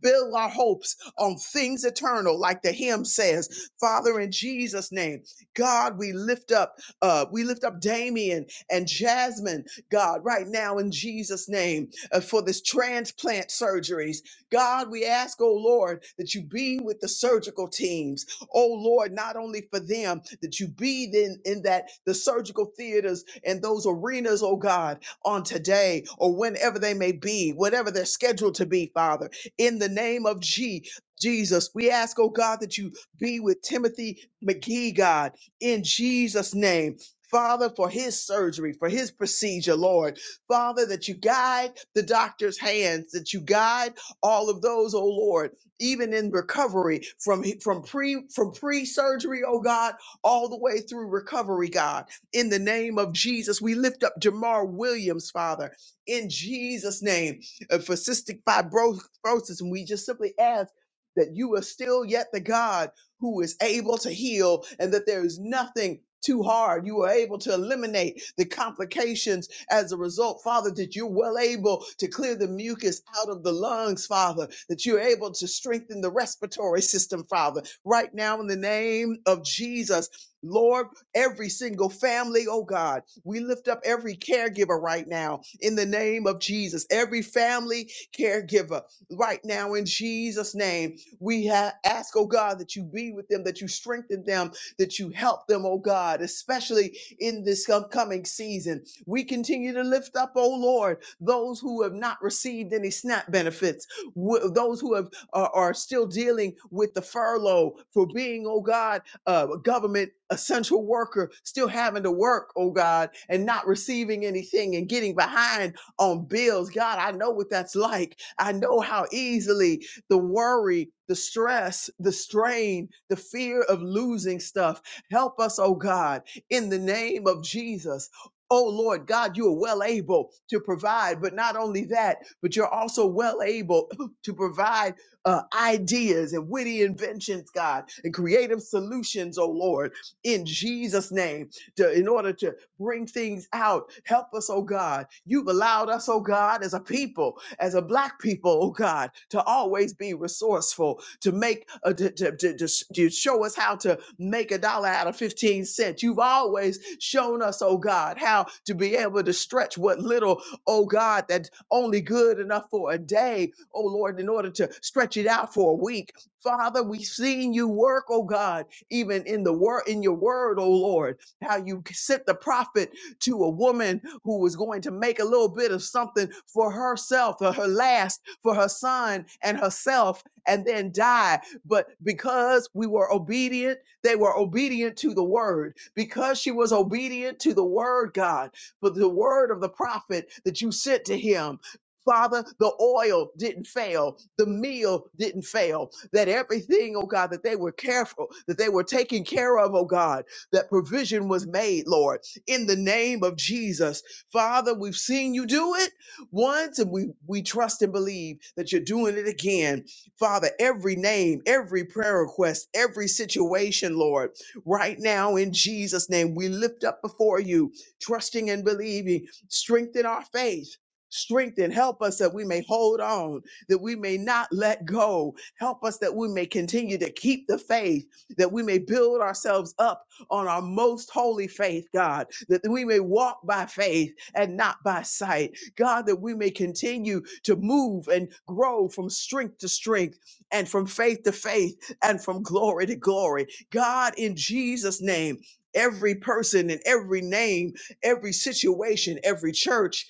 [SPEAKER 8] Build our hopes on things eternal, like the hymn says. Father, in Jesus' name, God, we lift up, uh, we lift up Damien and Jasmine, God, right now in Jesus' name, uh, for this transplant surgeries. God, we ask, oh Lord, that you be with the surgical teams. Oh Lord, not only for them that you be in, in that the surgical theaters and those arenas, oh God, on today or whenever they may be, whatever they're scheduled to be, Father, in the name of G. Jesus, we ask, oh God, that you be with Timothy McGee, God, in Jesus' name. Father, for his surgery, for his procedure, Lord. Father, that you guide the doctor's hands, that you guide all of those, oh Lord, even in recovery from from pre from pre-surgery, oh God, all the way through recovery, God. In the name of Jesus, we lift up Jamar Williams, Father, in Jesus' name, uh, for cystic fibrosis, and we just simply ask that you are still yet the God who is able to heal, and that there is nothing. Too hard. You are able to eliminate the complications as a result, Father, that you're well able to clear the mucus out of the lungs, Father, that you're able to strengthen the respiratory system, Father. Right now, in the name of Jesus, Lord, every single family, oh God, we lift up every caregiver right now in the name of Jesus, every family caregiver right now in Jesus' name. We ha- ask, oh God, that you be with them, that you strengthen them, that you help them, oh God, especially in this upcoming season. We continue to lift up, oh Lord, those who have not received any SNAP benefits, wh- those who have are, are still dealing with the furlough for being, oh God, uh, a government essential worker, still having to work, oh God, and not receiving anything and getting behind on bills. God, I know what that's like. I know how easily the worry, the stress, the strain, the fear of losing stuff. Help us, oh God, in the name of Jesus Oh Lord God, you are well able to provide, but not only that, but you're also well able to provide uh, ideas and witty inventions, God, and creative solutions, oh Lord, in Jesus' name, to, in order to bring things out. Help us, oh God. You've allowed us, oh God, as a people as a black people, oh God, to always be resourceful, to make, uh, to, to, to, to to show us how to make a dollar out of 15 cents. You've always shown us, oh God, how to be able to stretch what little, oh God, that's only good enough for a day, oh Lord, in order to stretch it out for a week. Father, we've seen you work, oh God, even in the word, in your word, oh Lord, how you sent the prophet to a woman who was going to make a little bit of something for herself, for her last, for her son and herself, and then die. But because we were obedient, they were obedient to the word. Because she was obedient to the word, God, for the word of the prophet that you sent to him. Father, the oil didn't fail. The meal didn't fail. That everything, oh God, that they were careful, that they were taken care of, oh God, that provision was made, Lord, in the name of Jesus Father, we've seen you do it once and we, we trust and believe that you're doing it again. Father, every name, every prayer request, every situation, Lord, right now in Jesus' name, we lift up before you, trusting and believing. Strengthen our faith. Strengthen, help us that we may hold on, that we may not let go. Help us that we may continue to keep the faith, that we may build ourselves up on our most holy faith, God, that we may walk by faith and not by sight. God, that we may continue to move and grow from strength to strength and from faith to faith and from glory to glory. God, in Jesus' name, every person and every name, every situation, every church,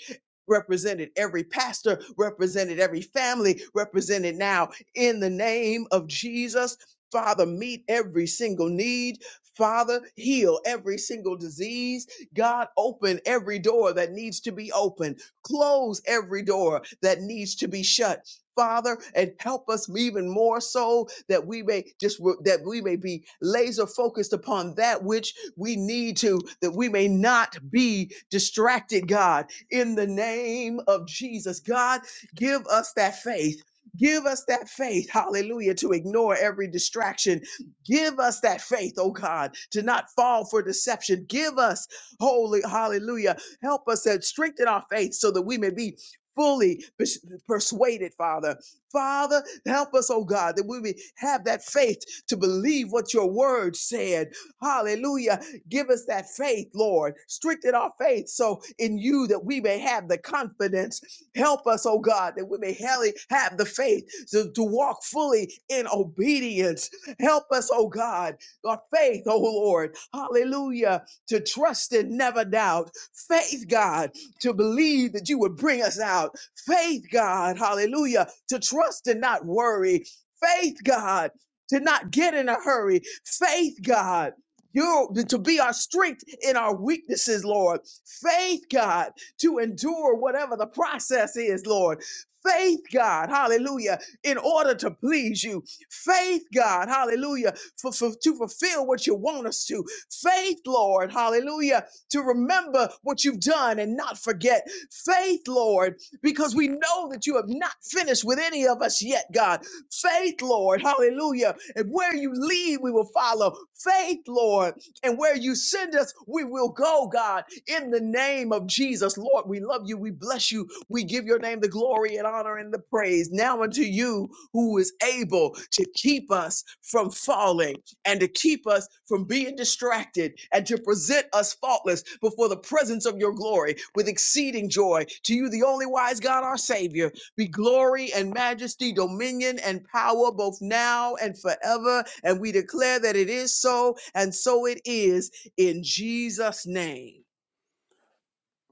[SPEAKER 8] Represented every pastor, represented every family, represented now in the name of Jesus. Father, meet every single need. Father, heal every single disease God, open every door that needs to be opened, close every door that needs to be shut. Father, and help us even more so that we may just that we may be laser focused upon that which we need to, that we may not be distracted, God, in the name of Jesus. God, give us that faith. Give us that faith, hallelujah, to ignore every distraction. Give us that faith, oh God, to not fall for deception. Give us Holy, hallelujah. Help us and strengthen our faith so that we may be fully pers- persuaded, Father. Father, help us, oh God, that we may have that faith to believe what your word said. Hallelujah. Give us that faith, Lord. Strengthen our faith so in you that we may have the confidence. Help us, oh God, that we may hally- have the faith to, to walk fully in obedience. Help us, oh God, our faith, oh Lord. Hallelujah to trust and never doubt. Faith, God, to believe that you would bring us out. Faith, God, hallelujah, to trust and not worry. Faith, God, to not get in a hurry. Faith, God, you to be our strength in our weaknesses, Lord. Faith, God, to endure whatever the process is, Lord. Faith, God, hallelujah, in order to please you. Faith, God, hallelujah, for, for- to fulfill what you want us to. Faith, Lord, hallelujah, to remember what you've done and not forget. Faith, Lord, because we know that you have not finished with any of us yet, God. Faith, Lord, hallelujah. And where you lead, we will follow. Faith, Lord, and where you send us, we will go, God, in the name of Jesus. Lord, we love you. We bless you. We give your name the glory and honor and the praise. Now unto you who is able to keep us from falling and to keep us from being distracted and to present us faultless before the presence of your glory with exceeding joy. To you, the only wise God, our Savior, be glory and majesty, dominion and power both now and forever. And we declare that it is so, and so it is in Jesus' name.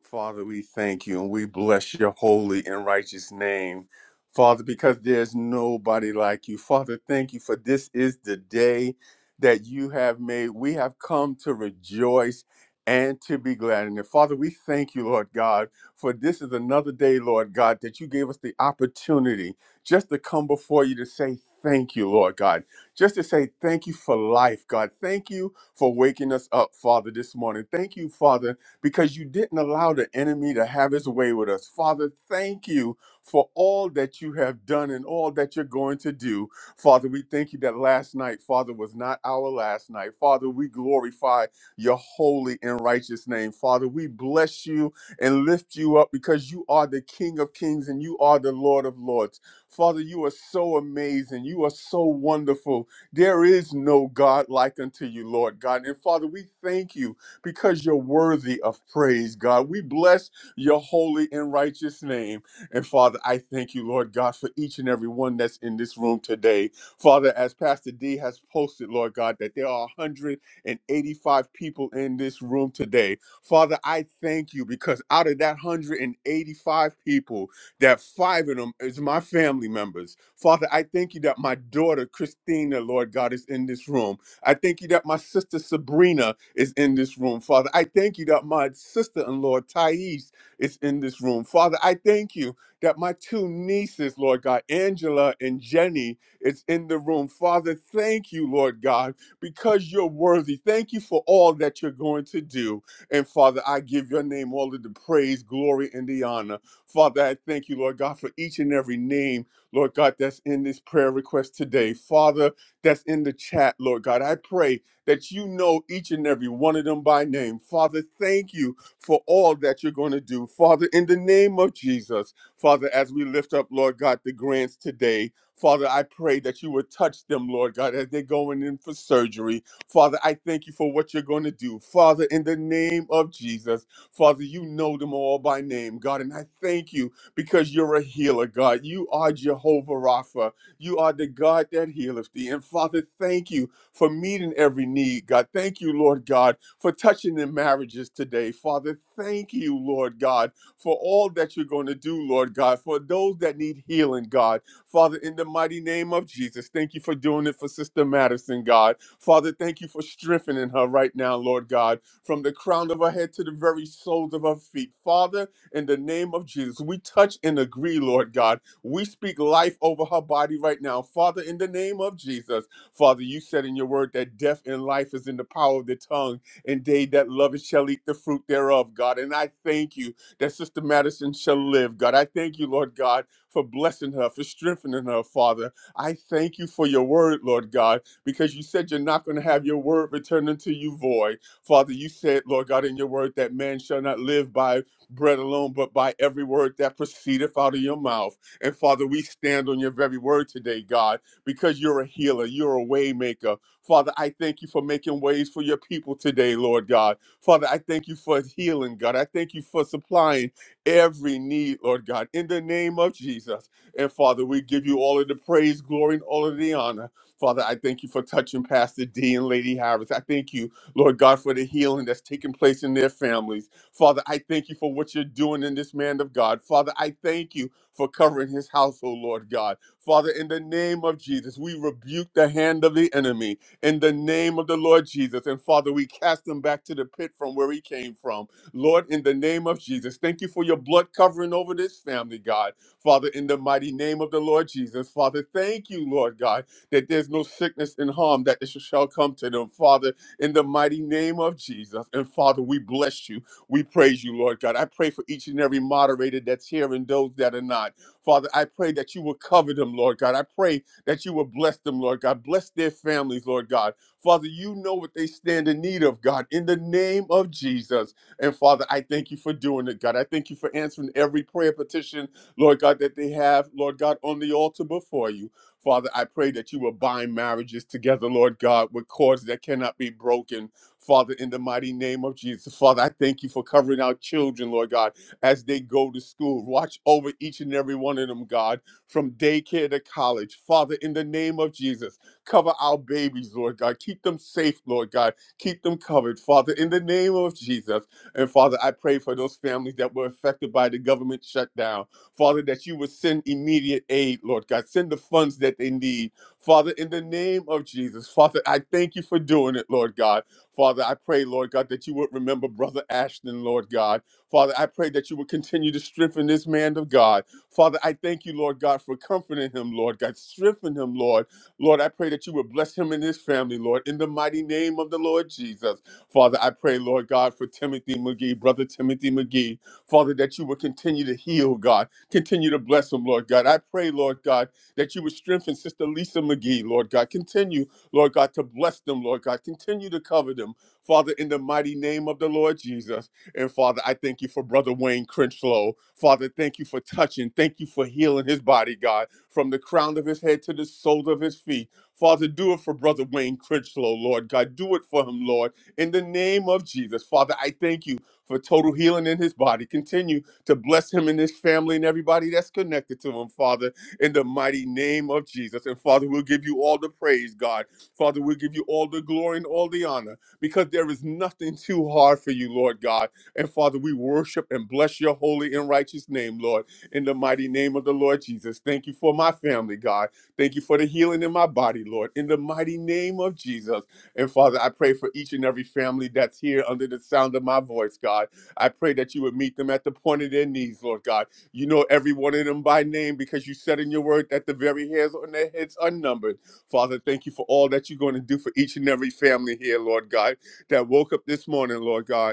[SPEAKER 3] Father, we thank you and we bless your holy and righteous name. Father, because there's nobody like you. Father, thank you for this is the day that you have made. We have come to rejoice and to be glad in it. Father, we thank you, Lord God, for this is another day, Lord God, that you gave us the opportunity just to come before you to say thank you, Lord God. Just to say thank you for life, God. Thank you for waking us up, Father, this morning. Thank you, Father, because you didn't allow the enemy to have his way with us. Father, thank you for all that you have done and all that you're going to do. Father, we thank you that last night, Father, was not our last night. Father, we glorify your holy and righteous name. Father, we bless you and lift you up because you are the King of kings and you are the Lord of lords. Father, you are so amazing. You are so wonderful. There is no God like unto you, Lord God. And Father, we thank you because you're worthy of praise, God. We bless your holy and righteous name. And Father, I thank you, Lord God, for each and every one that's in this room today. Father, as Pastor D has posted, Lord God, that there are 185 people in this room today. Father, I thank you because out of that 185 people, that five of them is my family members. Father, I thank you that my daughter, Christina, Lord God, is in this room. I thank you that my sister Sabrina is in this room, Father. I thank you that my sister in law Thais is in this room, Father. I thank you that my two nieces, Lord God, Angela and Jenny, is in the room, Father. Thank you, Lord God, because you're worthy. Thank you for all that you're going to do. And Father, I give your name all of the praise, glory, and the honor. Father, I thank you, Lord God, for each and every name, Lord God, that's in this prayer request today. Father, that's in the chat, Lord God. I pray that you know each and every one of them by name. Father, thank you for all that you're going to do. Father, in the name of Jesus, Father, as we lift up, Lord God, the grants today, Father, I pray that you would touch them, Lord God, as they're going in for surgery. Father, I thank you for what you're going to do. Father, in the name of Jesus, Father, you know them all by name, God, and I thank you because you're a healer, God. You are Jehovah Rapha. You are the God that healeth thee. And Father, thank you for meeting every need, God. Thank you, Lord God, for touching the marriages today. Father, thank you, Lord God, for all that you're going to do, Lord God, for those that need healing, God. Father, in the mighty name of Jesus, thank you for doing it for Sister Madison, God. Father, thank you for strengthening her right now, Lord God, from the crown of her head to the very soles of her feet. Father, in the name of Jesus, we touch and agree, Lord God we speak life over her body right now. Father, in the name of Jesus, Father, you said in your word that death and life is in the power of the tongue, and they that love it shall eat the fruit thereof, God. And I thank you that Sister Madison shall live, God. I thank you, Lord God, for blessing her, for strengthening her, Father. I thank you for your word, Lord God, because you said you're not going to have your word return unto you void. Father, you said, Lord God, in your word that man shall not live by bread alone, but by every word that proceedeth out of your mouth. And Father, we stand on your very word today, God, because you're a healer, you're a way maker. Father, I thank you for making ways for your people today, Lord God. Father, I thank you for healing, God. I thank you for supplying every need, Lord God, in the name of Jesus. And Father, we give you all of the praise, glory, and all of the honor. Father, I thank you for touching Pastor D and Lady Harris. I thank you, Lord God, for the healing that's taking place in their families. Father, I thank you for what you're doing in this man of God. Father, I thank you for covering his household, Lord God. Father, in the name of Jesus, we rebuke the hand of the enemy in the name of the Lord Jesus. And Father, we cast him back to the pit from where he came from. Lord, in the name of Jesus, thank you for your blood covering over this family, God. Father, in the mighty name of the Lord Jesus, Father, thank you, Lord God, that there's no sickness and harm that shall come to them. Father, in the mighty name of Jesus. And Father, we bless you. We praise you, Lord God. I pray for each and every moderator that's here and those that are not. Father, I pray that you will cover them, Lord God. I pray that you will bless them, Lord God. Bless their families, Lord God. Father, you know what they stand in need of, God, in the name of Jesus. And Father, I thank you for doing it, God. I thank you for answering every prayer petition, Lord God, that they have, Lord God, on the altar before you. Father, I pray that you will bind marriages together, Lord God, with cords that cannot be broken. Father, in the mighty name of Jesus. Father, I thank you for covering our children, Lord God, as they go to school. Watch over each and every one of them, God, from daycare to college. Father, in the name of Jesus, cover our babies, Lord God. Keep them safe, Lord God. Keep them covered, Father, in the name of Jesus. And Father, I pray for those families that were affected by the government shutdown. Father, that you would send immediate aid, Lord God. Send the funds that they need. Father, in the name of Jesus, Father, I thank you for doing it, Lord God. Father, I pray, Lord God, that you would remember Brother Ashton, Lord God. Father, I pray that you would continue to strengthen this man of God. Father, I thank you, Lord God, for comforting him, Lord God. Strengthen him, Lord. Lord, I pray that you would bless him and his family, Lord, in the mighty name of the Lord Jesus. Father, I pray, Lord God, for Timothy McGee, Brother Timothy McGee. Father, that you would continue to heal, God. Continue to bless him, Lord God. I pray, Lord God, that you would strengthen Sister Lisa McGee, Lord God. Continue Lord God, to bless them, Lord God. Continue to cover them, Father, in the mighty name of the Lord Jesus. And Father, I thank you for Brother Wayne Crenchlow. Father, thank you for touching. Thank you for healing his body, God, from the crown of his head to the soles of his feet. Father, do it for Brother Wayne Crenchlow, Lord God. Do it for him, Lord, in the name of Jesus. Father, I thank you for total healing in his body. Continue to bless him and his family and everybody that's connected to him, Father, in the mighty name of Jesus. And Father, we'll give you all the praise, God. Father, we give you all the glory and all the honor because there is nothing too hard for you, Lord God. And Father, we worship and bless your holy and righteous name, Lord, in the mighty name of the Lord Jesus. Thank you for my family, God. Thank you for the healing in my body, Lord, in the mighty name of Jesus. And Father, I pray for each and every family that's here under the sound of my voice, God. I pray that you would meet them at the point of their knees, Lord God. You know every one of them by name because you said in your word that the very hairs on their heads are numbered. Father, thank you for all that you're going to do for each and every family here, Lord God, that woke up this morning, Lord God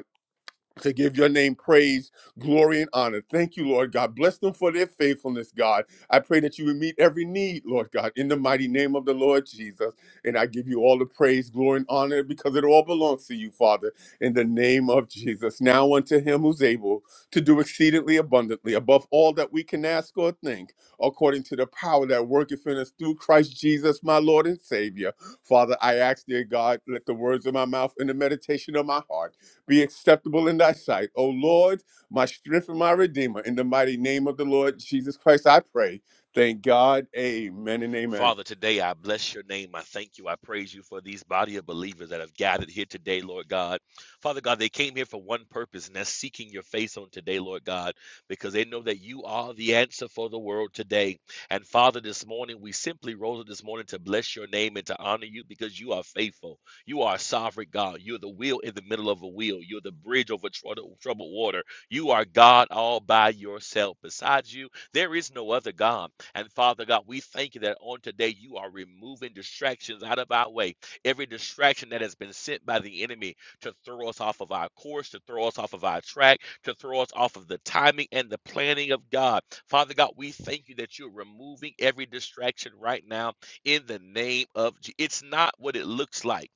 [SPEAKER 3] to give your name praise, glory, and honor. Thank you, Lord God. Bless them for their faithfulness, God. I pray that you would meet every need, Lord God, in the mighty name of the Lord Jesus. And I give you all the praise, glory, and honor because it all belongs to you, Father, in the name of Jesus. Now unto him who's able to do exceedingly abundantly above all that we can ask or think, according to the power that worketh in us through Christ Jesus, my Lord and Savior. Father, I ask, dear God, let the words of my mouth and the meditation of my heart be acceptable in thy sight. O Lord, my strength and my redeemer, in the mighty name of the Lord Jesus Christ, I pray. Thank God. Amen and amen.
[SPEAKER 5] Father, today I bless your name. I thank you. I praise you for these body of believers that have gathered here today, Lord God. Father God, they came here for one purpose, and that's seeking your face on today, Lord God, because they know that you are the answer for the world today. And Father, this morning, we simply rose up this morning to bless your name and to honor you because you are faithful. You are a sovereign God. You're the wheel in the middle of a wheel. You're the bridge over troubled water. You are God all by yourself. Besides you, there is no other God. And Father God, we thank you that on today you are removing distractions out of our way. Every distraction that has been sent by the enemy to throw us off of our course, to throw us off of our track, to throw us off of the timing and the planning of God. Father God, we thank you that you're removing every distraction right now in the name of Jesus. It's not what it looks like.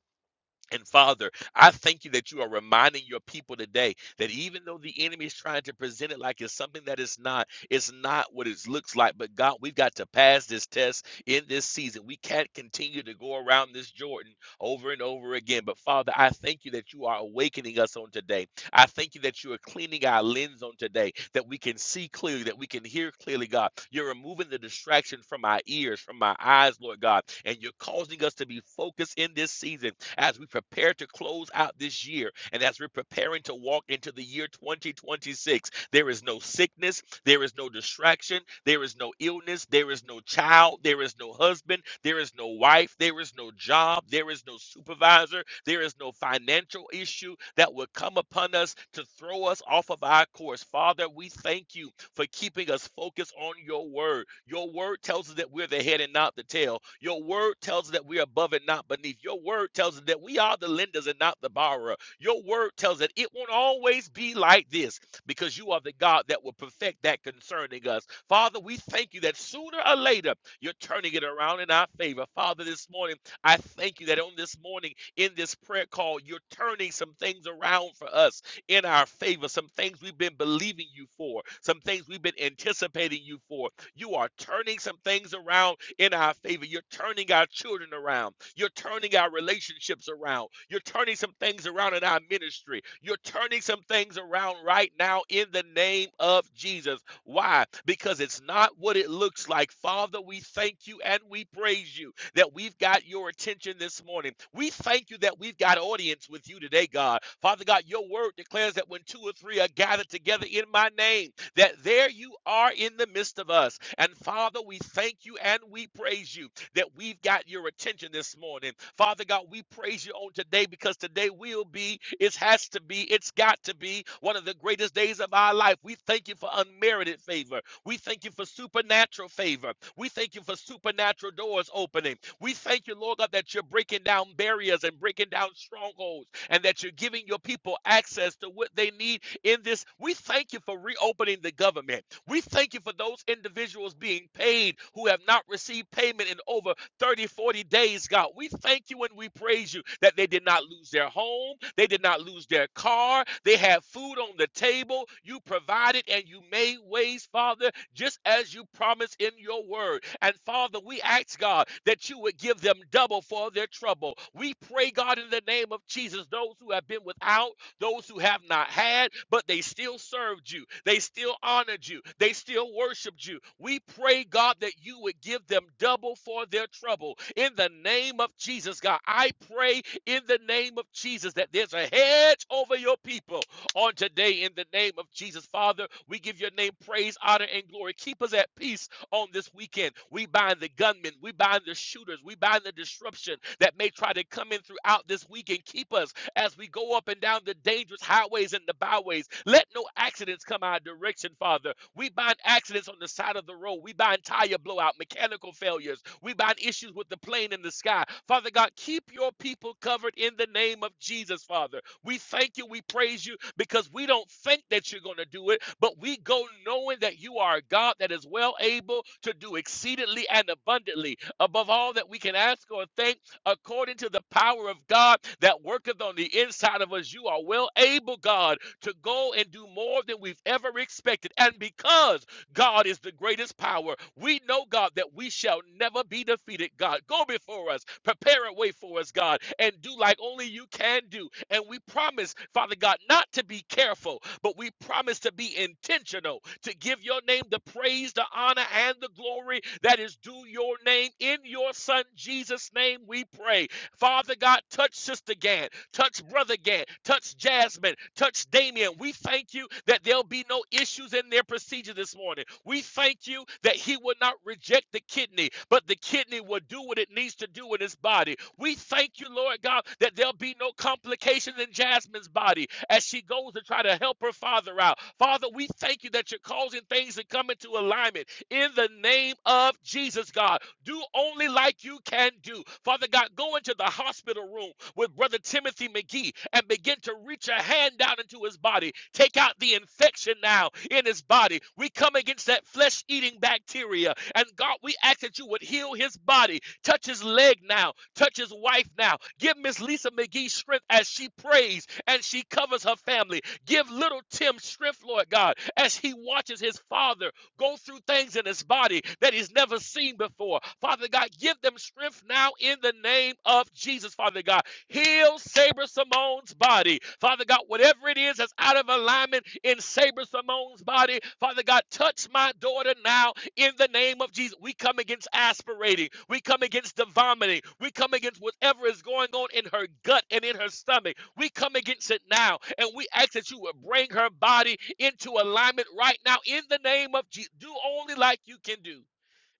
[SPEAKER 5] And Father, I thank you that you are reminding your people today that even though the enemy is trying to present it like it's something that it's not, it's not what it looks like. But God, we've got to pass this test in this season. We can't continue to go around this Jordan over and over again. But Father, I thank you that you are awakening us on today. I thank you that you are cleaning our lens on today, that we can see clearly, that we can hear clearly, God. You're removing the distraction from our ears, from our eyes, Lord God, and you're causing us to be focused in this season as we prepare to close out this year and as we're preparing to walk into the year 2026. There is no sickness, there is no distraction. There is no illness. There is no child. There is no husband. There is no wife. There is no job. There is no supervisor. There is no financial issue that will come upon us to throw us off of our course. Father, we thank you for keeping us focused on your word. Your word tells us that we're the head and not the tail. Your word tells us that we're above and not beneath. Your word tells us that we are the lenders and not the borrower. Your word tells us that it won't always be like this because you are the God that will perfect that concerning us. Father, we thank you that sooner or later you're turning it around in our favor. Father, this morning, I thank you that on this morning in this prayer call, you're turning some things around for us in our favor, some things we've been believing you for, some things we've been anticipating you for, you are turning some things around in our favor. You're turning our children around. You're turning our relationships around. You're turning some things around in our ministry. You're turning some things around right now in the name of Jesus. Why? Because it's not what it looks like. Father, we thank you and we praise you that we've got your attention this morning. We thank you that we've got audience with you today, God. Father God, your word declares that when two or three are gathered together in my name, that there you are in the midst of us. And Father, we thank you and we praise you that we've got your attention this morning. Father God, we praise you on today because today will be, it has to be, it's got to be one of the greatest days of our life. We thank you for unmerited favor. We thank you for supernatural favor. We thank you for supernatural doors opening. We thank you, Lord God, that you're breaking down barriers and breaking down strongholds and that you're giving your people access to what they need in this. We thank you for reopening the government. We thank you for those individuals being paid who have not received payment in over 30, 40 days, God. We thank you and we praise you that they did not lose their home, they did not lose their car, they had food on the table. You provided and you made ways, Father just as you promised in your word. And Father, we ask God that you would give them double for their trouble. We pray, God, in the name of Jesus, those who have been without, those who have not had, but they still served you, they still honored you, they still worshiped you. We pray, God, that you would give them double for their trouble. In the name of Jesus, God, I pray in the name of Jesus that there's a hedge over your people on today in the name of Jesus. Father, we give your name praise, honor, and glory. Keep us at peace on this weekend. We bind the gunmen, we bind the shooters, we bind the disruption that may try to come in throughout this weekend. Keep us as we go up and down the dangerous highways and the byways. Let no accidents come our direction, Father. We bind accidents on the side of the road. We bind tire blowout, mechanical failures. We bind issues with the plane in the sky. Father God, keep your people covered in the name of Jesus, Father. We thank you. We praise you because we don't think that you're going to do it, but we go knowing that you are a God that is well able to do exceedingly and abundantly above all that we can ask or think according to the power of God that worketh on the inside of us. You are well able, God, to go and do more than we've ever expected. And because God is the greatest power. We know, God, that we shall never be defeated, God. Go before us, prepare a way for us, God, and do like only you can do. And we promise, Father God, not to be careful, but we promise to be intentional, to give your name the praise, the honor, and the glory that is due your name. In your Son, Jesus' name, we pray. Father God, touch Sister Gann, touch Brother Gann, touch Jasmine, touch Damien. We thank you that there'll be no issues in their procedure this morning. We thank you that he will not reject the kidney, but the kidney will do what it needs to do in his body. We thank you, Lord God, that there'll be no complications in Jasmine's body as she goes to try to help her father out. Father, we thank you that you're causing things to come into alignment in the name of Jesus, God. Do only like you can do. Father God, go into the hospital room with Brother Timothy McGee and begin to reach a hand down into his body. Take out the infection now in his body. We come against that flesh eating bacteria. And God, we ask that you would heal his body. Touch his leg now. Touch his wife now. Give Miss Lisa McGee strength as she prays and she covers her family. Give little Tim strength, Lord God, as he watches his father go through things in his body that he's never seen before. Father God, give them strength now in the name of Jesus, Father God. Heal Sabre Simone's body. Father God, whatever it is that's out of alignment in Sabre Simone's body, Father God, touch my daughter now in the name of Jesus. We come against aspirating. We come against the vomiting. We come against whatever is going on in her gut and in her stomach. We come against it now. And we ask that you would bring her body into alignment right now in the name of Jesus. Do only like you can do.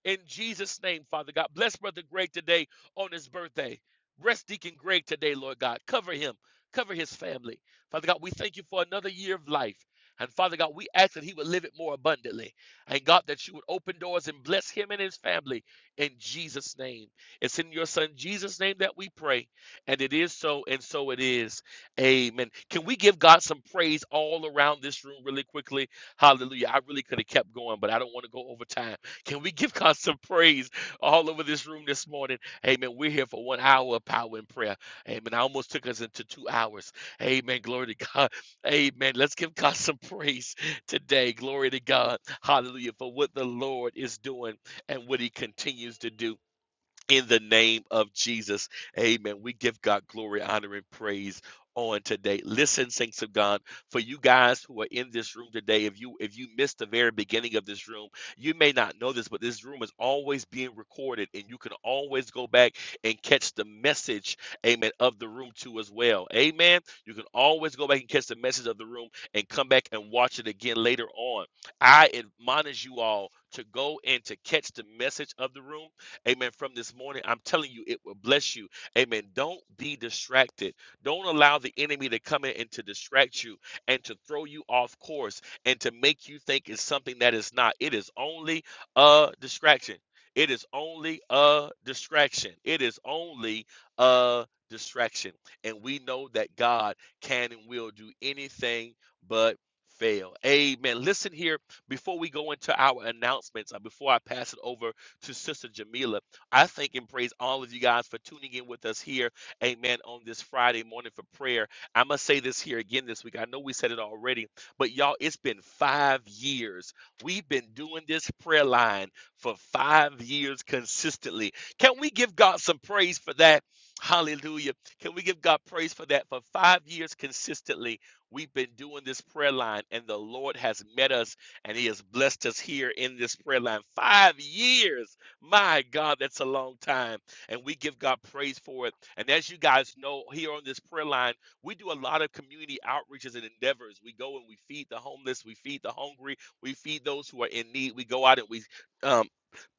[SPEAKER 5] In Jesus' name, Father God. Bless Brother Greg today on his birthday. Rest Deacon Greg today, Lord God. Cover him. Cover his family. Father God, we thank you for another year of life. And Father God, we ask that he would live it more abundantly. And God, that you would open doors and bless him and his family in Jesus' name. It's in your son Jesus' name that we pray. And it is so, and so it is. Amen. Can we give God some praise all around this room really quickly? Hallelujah. I really could have kept going, but I don't want to go over time. Can we give God some praise all over this room this morning? Amen. We're here for one hour of power and prayer. Amen. I almost took us into two hours. Amen. Glory to God. Amen. Let's give God some praise today. Glory to God. Hallelujah. For what the Lord is doing and what he continues to do in the name of Jesus. Amen. We give God glory, honor, and praise on today. Listen, saints of God, for you guys who are in this room today, if you if you missed the very beginning of this room, you may not know this, but this room is always being recorded and you can always go back and catch the message, amen, of the room too as well. Amen. You can always go back and catch the message of the room and come back and watch it again later on. I admonish you all to go and to catch the message of the room Amen. From this morning, I'm telling you, it will bless you. Amen. Don't be distracted. Don't allow the enemy to come in and to distract you and to throw you off course and to make you think it's something that is not. It is only a distraction. It is only a distraction. It is only a distraction. And we know that God can and will do anything but fail. Amen. Listen here before we go into our announcements, uh, before I pass it over to Sister Jamila. I thank and praise all of you guys for tuning in with us here, amen, on this Friday morning for prayer. I must say this here again this week. I know we said it already, but y'all, it's been five years. We've been doing this prayer line for five years consistently. Can we give God some praise for that? Hallelujah. Can we give God praise for that? For five years consistently, we've been doing this prayer line, and the Lord has met us and he has blessed us here in this prayer line. Five years. My God, that's a long time. And we give God praise for it. And as you guys know, here on this prayer line, we do a lot of community outreaches and endeavors. We go and we feed the homeless, we feed the hungry, we feed those who are in need. We go out and we um,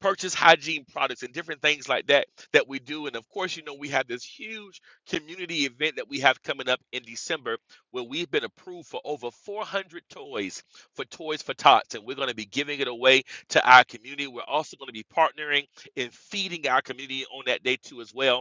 [SPEAKER 5] purchase hygiene products and different things like that that we do. And of course, you know, we have this huge community event that we have coming up in December where we've been approved for over 400 toys for Toys for Tots, and we're going to be giving it away to our community. We're also going to be partnering and feeding our community on that day too as well.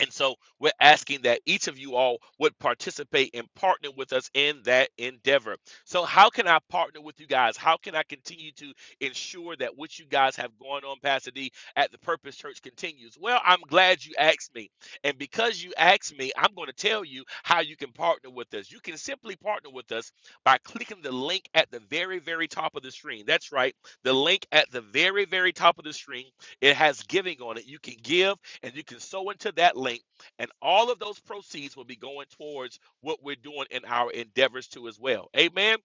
[SPEAKER 5] And so we're asking that each of you all would participate and partner with us in that endeavor. So, how can I partner with you guys? How can I continue to ensure that what you guys have going on, Pastor D, at the Purpose Church continues? Well, I'm glad you asked me. And because you asked me, I'm going to tell you how you can partner with us. You can simply partner with us by clicking the link at the very, very top of the screen. That's right, the link at the very, very top of the screen. It has giving on it. You can give and you can sew into that link and all of those proceeds will be going towards what we're doing in our endeavors too as well amen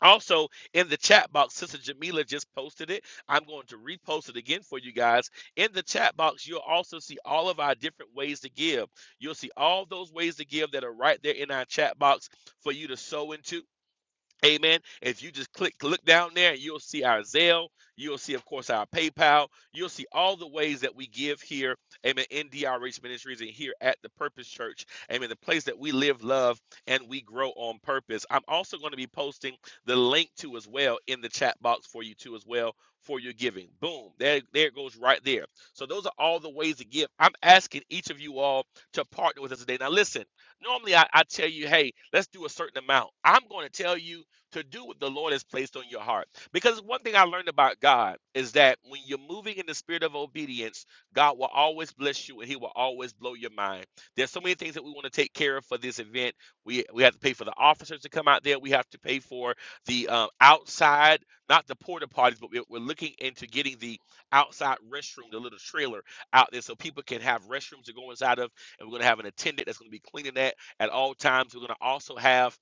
[SPEAKER 5] also in the chat box sister jamila just posted it i'm going to repost it again for you guys in the chat box you'll also see all of our different ways to give you'll see all those ways to give that are right there in our chat box for you to sew into Amen. If you just click, look down there, you'll see our Zelle. You'll see, of course, our PayPal. You'll see all the ways that we give here, amen, in DRH Ministries and here at the Purpose Church, amen, the place that we live, love, and we grow on purpose. I'm also going to be posting the link to as well in the chat box for you too as well for your giving. Boom. There, there it goes right there. So those are all the ways to give. I'm asking each of you all to partner with us today. Now listen, normally I, I tell you, hey, let's do a certain amount. I'm going to tell you to do what the Lord has placed on your heart. Because one thing I learned about God is that when you're moving in the spirit of obedience, God will always bless you and he will always blow your mind. There's so many things that we want to take care of for this event. We we have to pay for the officers to come out there. We have to pay for the uh, outside, not the porta potties, but we're, we're looking into getting the outside restroom, the little trailer out there so people can have restrooms to go inside of. And we're going to have an attendant that's going to be cleaning that at all times. We're going to also have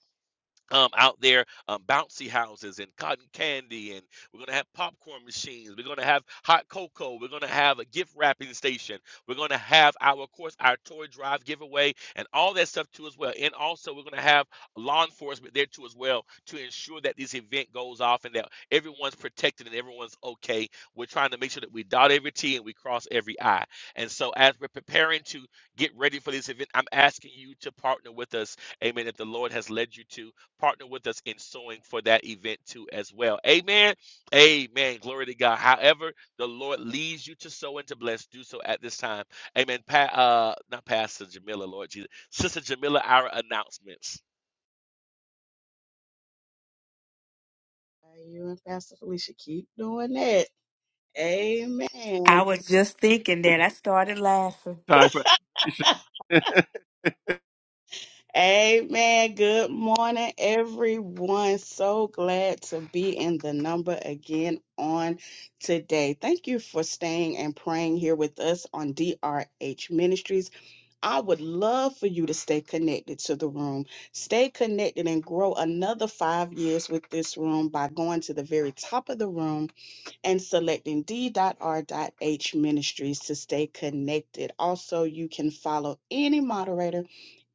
[SPEAKER 5] um, out there, um, bouncy houses and cotton candy, and we're gonna have popcorn machines. We're gonna have hot cocoa. We're gonna have a gift wrapping station. We're gonna have our, of course, our toy drive giveaway and all that stuff too as well. And also, we're gonna have law enforcement there too as well to ensure that this event goes off and that everyone's protected and everyone's okay. We're trying to make sure that we dot every T and we cross every I. And so, as we're preparing to get ready for this event, I'm asking you to partner with us, Amen. If the Lord has led you to partner with us in sowing for that event too as well. Amen. Amen. Glory to God. However, the Lord leads you to sow and to bless, do so at this time. Amen. Pa- uh, not Pastor Jamila, Lord Jesus. Sister Jamila, our announcements.
[SPEAKER 4] You and Pastor Felicia keep doing that.
[SPEAKER 2] I
[SPEAKER 4] Amen.
[SPEAKER 2] was just thinking that. I started laughing.
[SPEAKER 3] Time for elevation.
[SPEAKER 4] Amen. Good morning, everyone. So glad to be in the number again on today. Thank you for staying and praying here with us on DRH Ministries. I would love for you to stay connected to the room. Stay connected and grow another five years with this room by going to the very top of the room and selecting d.r.h ministries to stay connected. Also, you can follow any moderator,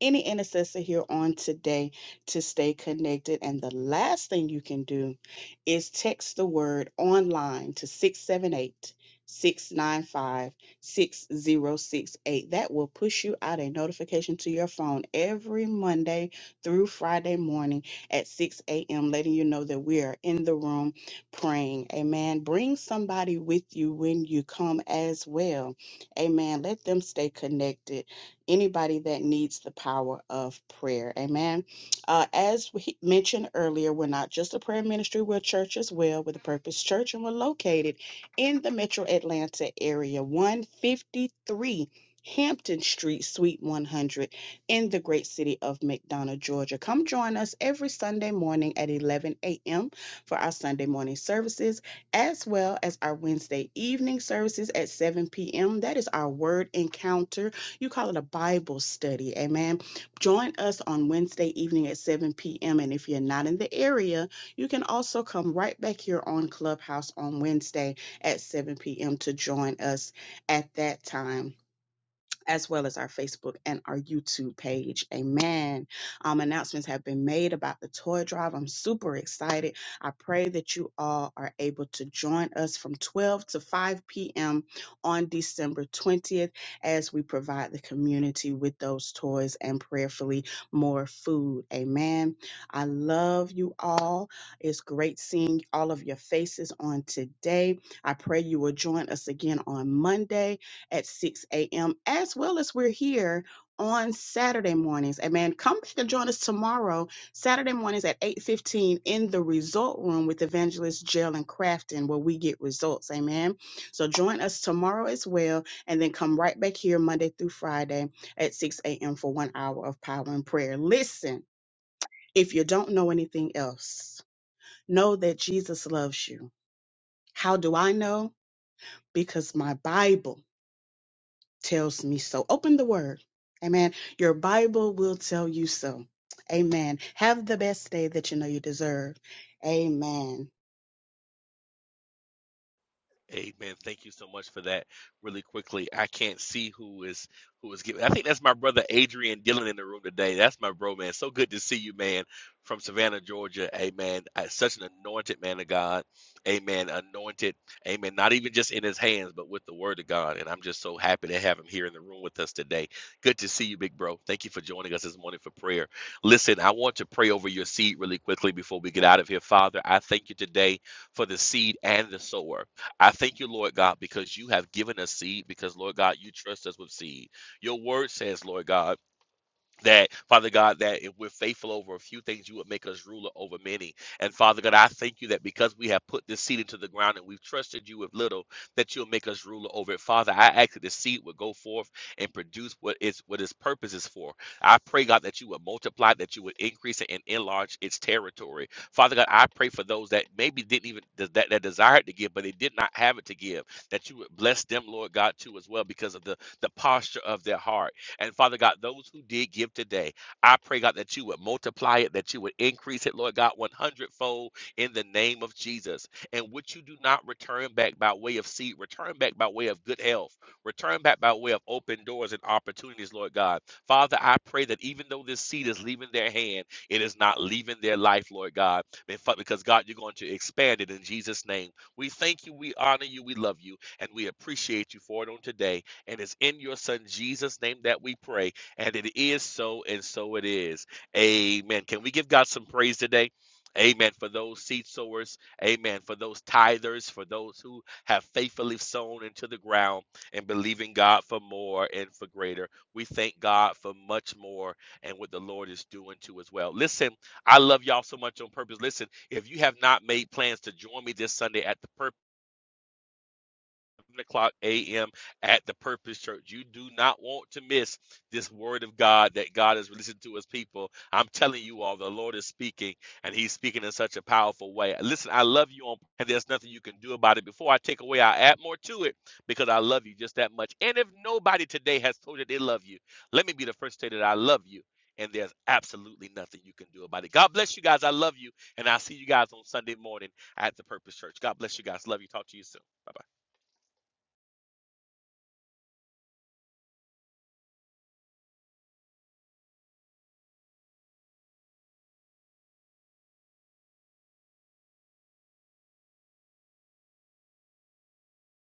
[SPEAKER 4] any intercessor here on today to stay connected. And the last thing you can do is text the word online to 678 695 6068. That will push you out a notification to your phone every Monday through Friday morning at 6 a.m., letting you know that we are in the room praying. Amen. Bring somebody with you when you come as well. Amen. Let them stay connected. Anybody that needs the power of prayer. Amen. Uh, as we mentioned earlier, we're not just a prayer ministry, we're a church as well. We're the Purpose Church, and we're located in the metro Atlanta area, 153. Hampton Street, Suite 100, in the great city of McDonough, Georgia. Come join us every Sunday morning at 11 a.m for our Sunday morning services, as well as our Wednesday evening services at 7 p.m. That is our word encounter. You call it a Bible study. Amen. Join us on Wednesday evening at 7 p.m. And if you're not in the area, you can also come right back here on Clubhouse on Wednesday at 7 p.m. to join us at that time as well as our Facebook and our YouTube page. Amen. Um, announcements have been made about the toy drive. I'm super excited. I pray that you all are able to join us from 12 to 5 p.m. on December 20th as we provide the community with those toys and prayerfully more food. Amen. I love you all. It's great seeing all of your faces on today. I pray you will join us again on Monday at 6 a.m., as well as we're here on Saturday mornings. And man, come back and join us tomorrow, Saturday mornings at 8.15 in the Result Room with Evangelist Jalen Crafton, where we get results. Amen. So join us tomorrow as well, and then come right back here Monday through Friday at 6 a.m. for one hour of power and prayer. Listen, if you don't know anything else, know that Jesus loves you. How do I know? Because my Bible tells me so. Open the word. Amen. Your Bible will tell you so. Amen. Have the best day that you know you deserve. Amen.
[SPEAKER 5] Amen. Thank you so much for that. Really quickly, I can't see who is who is giving. I think that's my brother Adrian Dillon in the room today. That's my bro, man. So good to see you, man, from Savannah, Georgia. Amen. Uh, Such an anointed man of God. Amen. Anointed. Amen. Not even just in his hands, but with the word of God. And I'm just so happy to have him here in the room with us today. Good to see you, big bro. Thank you for joining us this morning for prayer. Listen, I want to pray over your seed really quickly before we get out of here. Father, I thank you today for the seed and the sower. I thank you, Lord God, because you have given us seed, because, Lord God, you trust us with seed. Your word says, Lord God, that Father God, that if we're faithful over a few things, you would make us ruler over many. And Father God, I thank you that because we have put this seed into the ground and we've trusted you with little, that you'll make us ruler over it. Father, I ask that the seed would go forth and produce what its what its purpose is for. I pray, God, that you would multiply, that you would increase it and enlarge its territory. Father God, I pray for those that maybe didn't even that, that desired to give, but they did not have it to give, that you would bless them, Lord God, too, as well, because of the, the posture of their heart. And Father God, those who did give today, I pray, God, that you would multiply it, that you would increase it, Lord God, 100 fold in the name of Jesus. And what you do not return back by way of seed, return back by way of good health, return back by way of open doors and opportunities, Lord God. Father, I pray that even though this seed is leaving their hand, it is not leaving their life, Lord God. In fact, Because, God, you're going to expand it in Jesus' name. We thank you, we honor you, we love you, and we appreciate you for it on today. And it's in your son Jesus' name that we pray. And it is so, and so it is. Amen. Can we give God some praise today? Amen. For those seed sowers, amen. For those tithers, for those who have faithfully sown into the ground and believing God for more and for greater. We thank God for much more and what the Lord is doing too as well. Listen, I love y'all so much on purpose. Listen, if you have not made plans to join me this Sunday at the purpose, 7 o'clock a.m. at the Purpose Church. You do not want to miss this word of God that God has released to his people. I'm telling you all, the Lord is speaking, and he's speaking in such a powerful way. Listen, I love you, on, and there's nothing you can do about it. Before I take away, I add more to it because I love you just that much. And if nobody today has told you they love you, let me be the first to say that I love you. And there's absolutely nothing you can do about it. God bless you guys. I love you. And I'll see you guys on Sunday morning at the Purpose Church. God bless you guys. Love you. Talk to you soon. Bye Bye.